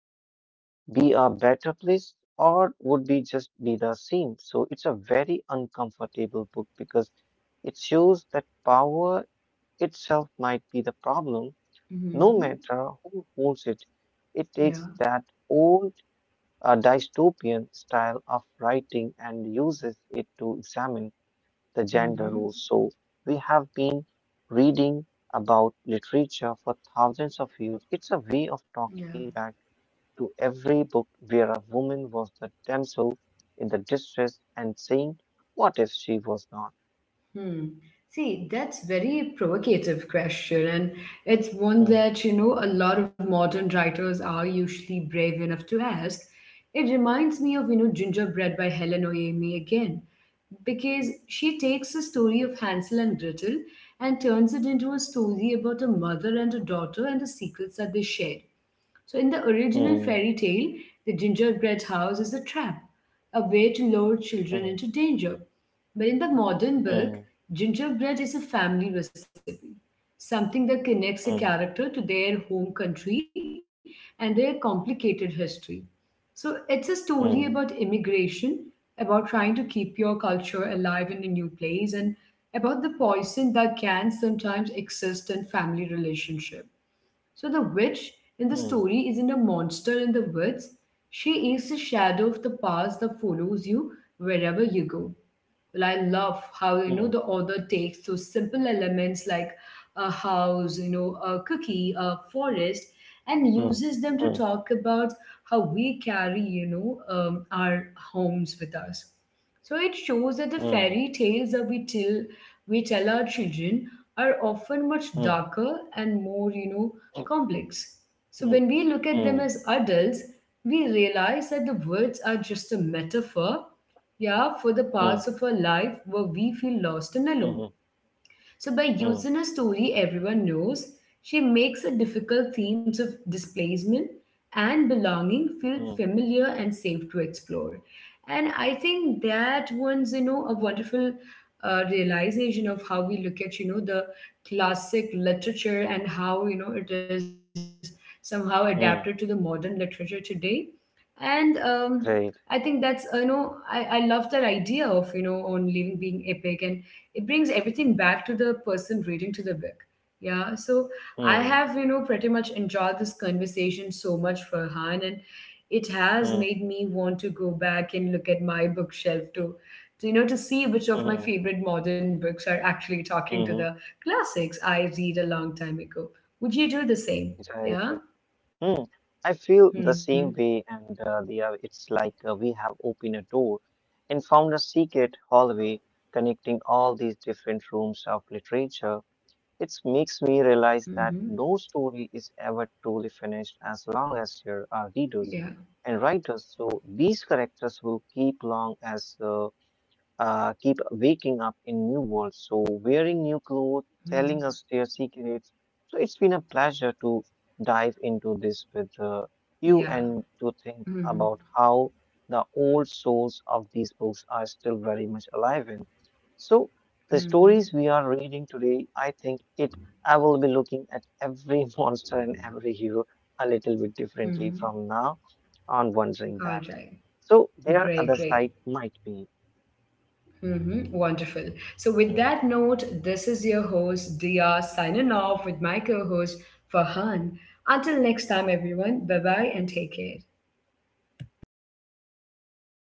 Speaker 2: be a better place, or would we just be the same? So, it's a very uncomfortable book because it shows that power itself might be the problem, no
Speaker 1: Mm-hmm.
Speaker 2: matter who holds it. It takes
Speaker 1: Yeah.
Speaker 2: that old a dystopian style of writing and uses it to examine the gender
Speaker 1: Mm-hmm.
Speaker 2: roles. So we have been reading about literature for thousands of years. It's a way of
Speaker 1: Yeah.
Speaker 2: talking back to every book where a woman was the damsel in the distress and saying, what if she was not?
Speaker 1: Hmm. See, that's very provocative question, and it's one
Speaker 2: Hmm,
Speaker 1: that a lot of modern writers are usually brave enough to ask. It reminds me of Gingerbread by Helen Oemi again, because she takes the story of Hansel and Gretel and turns it into a story about a mother and a daughter and the secrets that they shared. So, in the original
Speaker 2: hmm,
Speaker 1: fairy tale, the gingerbread house is a trap, a way to lure children
Speaker 2: hmm,
Speaker 1: into danger. But in the modern book,
Speaker 2: hmm,
Speaker 1: gingerbread is a family recipe, something that connects a
Speaker 2: hmm,
Speaker 1: character to their home country and their complicated history. So, it's a story about
Speaker 2: hmm,
Speaker 1: immigration, about trying to keep your culture alive in a new place, and about the poison that can sometimes exist in family relationship. So the witch in the story isn't a monster in the woods. She is a shadow of the past that follows you wherever you go. Well, I love how
Speaker 2: hmm,
Speaker 1: the author takes those simple elements like a house, a cookie, a forest, and
Speaker 2: hmm,
Speaker 1: uses them to
Speaker 2: hmm,
Speaker 1: talk about how we carry, our homes with us. So it shows that the
Speaker 2: hmm,
Speaker 1: fairy tales that we tell our children are often much
Speaker 2: hmm,
Speaker 1: darker and more, complex. So
Speaker 2: hmm, hmm,
Speaker 1: when we look at them
Speaker 2: hmm, hmm,
Speaker 1: as adults, we realize that the words are just a metaphor, yeah, for the parts of our life where we feel lost and alone.
Speaker 2: hmm,
Speaker 1: So, by
Speaker 2: hmm,
Speaker 1: using a story everyone knows, she makes the difficult themes of displacement and belonging feel
Speaker 2: hmm,
Speaker 1: familiar and safe to explore. And I think that one's, a wonderful realization of how we look at, the classic literature and how, it is somehow adapted to the
Speaker 2: hmm,
Speaker 1: modern literature today. And I think
Speaker 2: Right.
Speaker 1: that's I love that idea of on living being epic, and it brings everything back to the person reading to the book. Yeah. So I
Speaker 2: Hmm,
Speaker 1: have pretty much enjoyed this conversation so much, for han and it has
Speaker 2: hmm,
Speaker 1: made me want to go back and look at my bookshelf to, to see which of my
Speaker 2: hmm,
Speaker 1: favorite modern books are actually talking to
Speaker 2: hmm,
Speaker 1: the
Speaker 2: hmm.
Speaker 1: classics I read a long time ago. Would you do the same?
Speaker 2: Right.
Speaker 1: Yeah.
Speaker 2: right. Hmm, I feel the
Speaker 1: Mm-hmm.
Speaker 2: same way, and it's like we have opened a door and found a secret hallway connecting all these different rooms of literature. It makes me realize that
Speaker 1: Mm-hmm.
Speaker 2: no story is ever truly finished as long as there are
Speaker 1: Yeah.
Speaker 2: readers and writers. So these characters will keep long as keep waking up in new worlds, so wearing new clothes,
Speaker 1: Mm.
Speaker 2: telling us their secrets. So it's been a pleasure to dive into this with you,
Speaker 1: Yeah.
Speaker 2: and to think
Speaker 1: Mm-hmm.
Speaker 2: about how the old souls of these books are still very much alive in. So the
Speaker 1: Mm-hmm.
Speaker 2: stories we are reading today, I think it I will be looking at every monster and every hero a little bit differently
Speaker 1: Mm-hmm.
Speaker 2: from now on, wondering
Speaker 1: All
Speaker 2: that.
Speaker 1: right.
Speaker 2: So their
Speaker 1: Great,
Speaker 2: other side
Speaker 1: great.
Speaker 2: might be.
Speaker 1: Mm-hmm. Wonderful. So, with
Speaker 2: Hmm,
Speaker 1: that note, this is your host, Dia, signing off with my co host, Farhan. Until next time, everyone, bye bye and take care.
Speaker 2: everybody.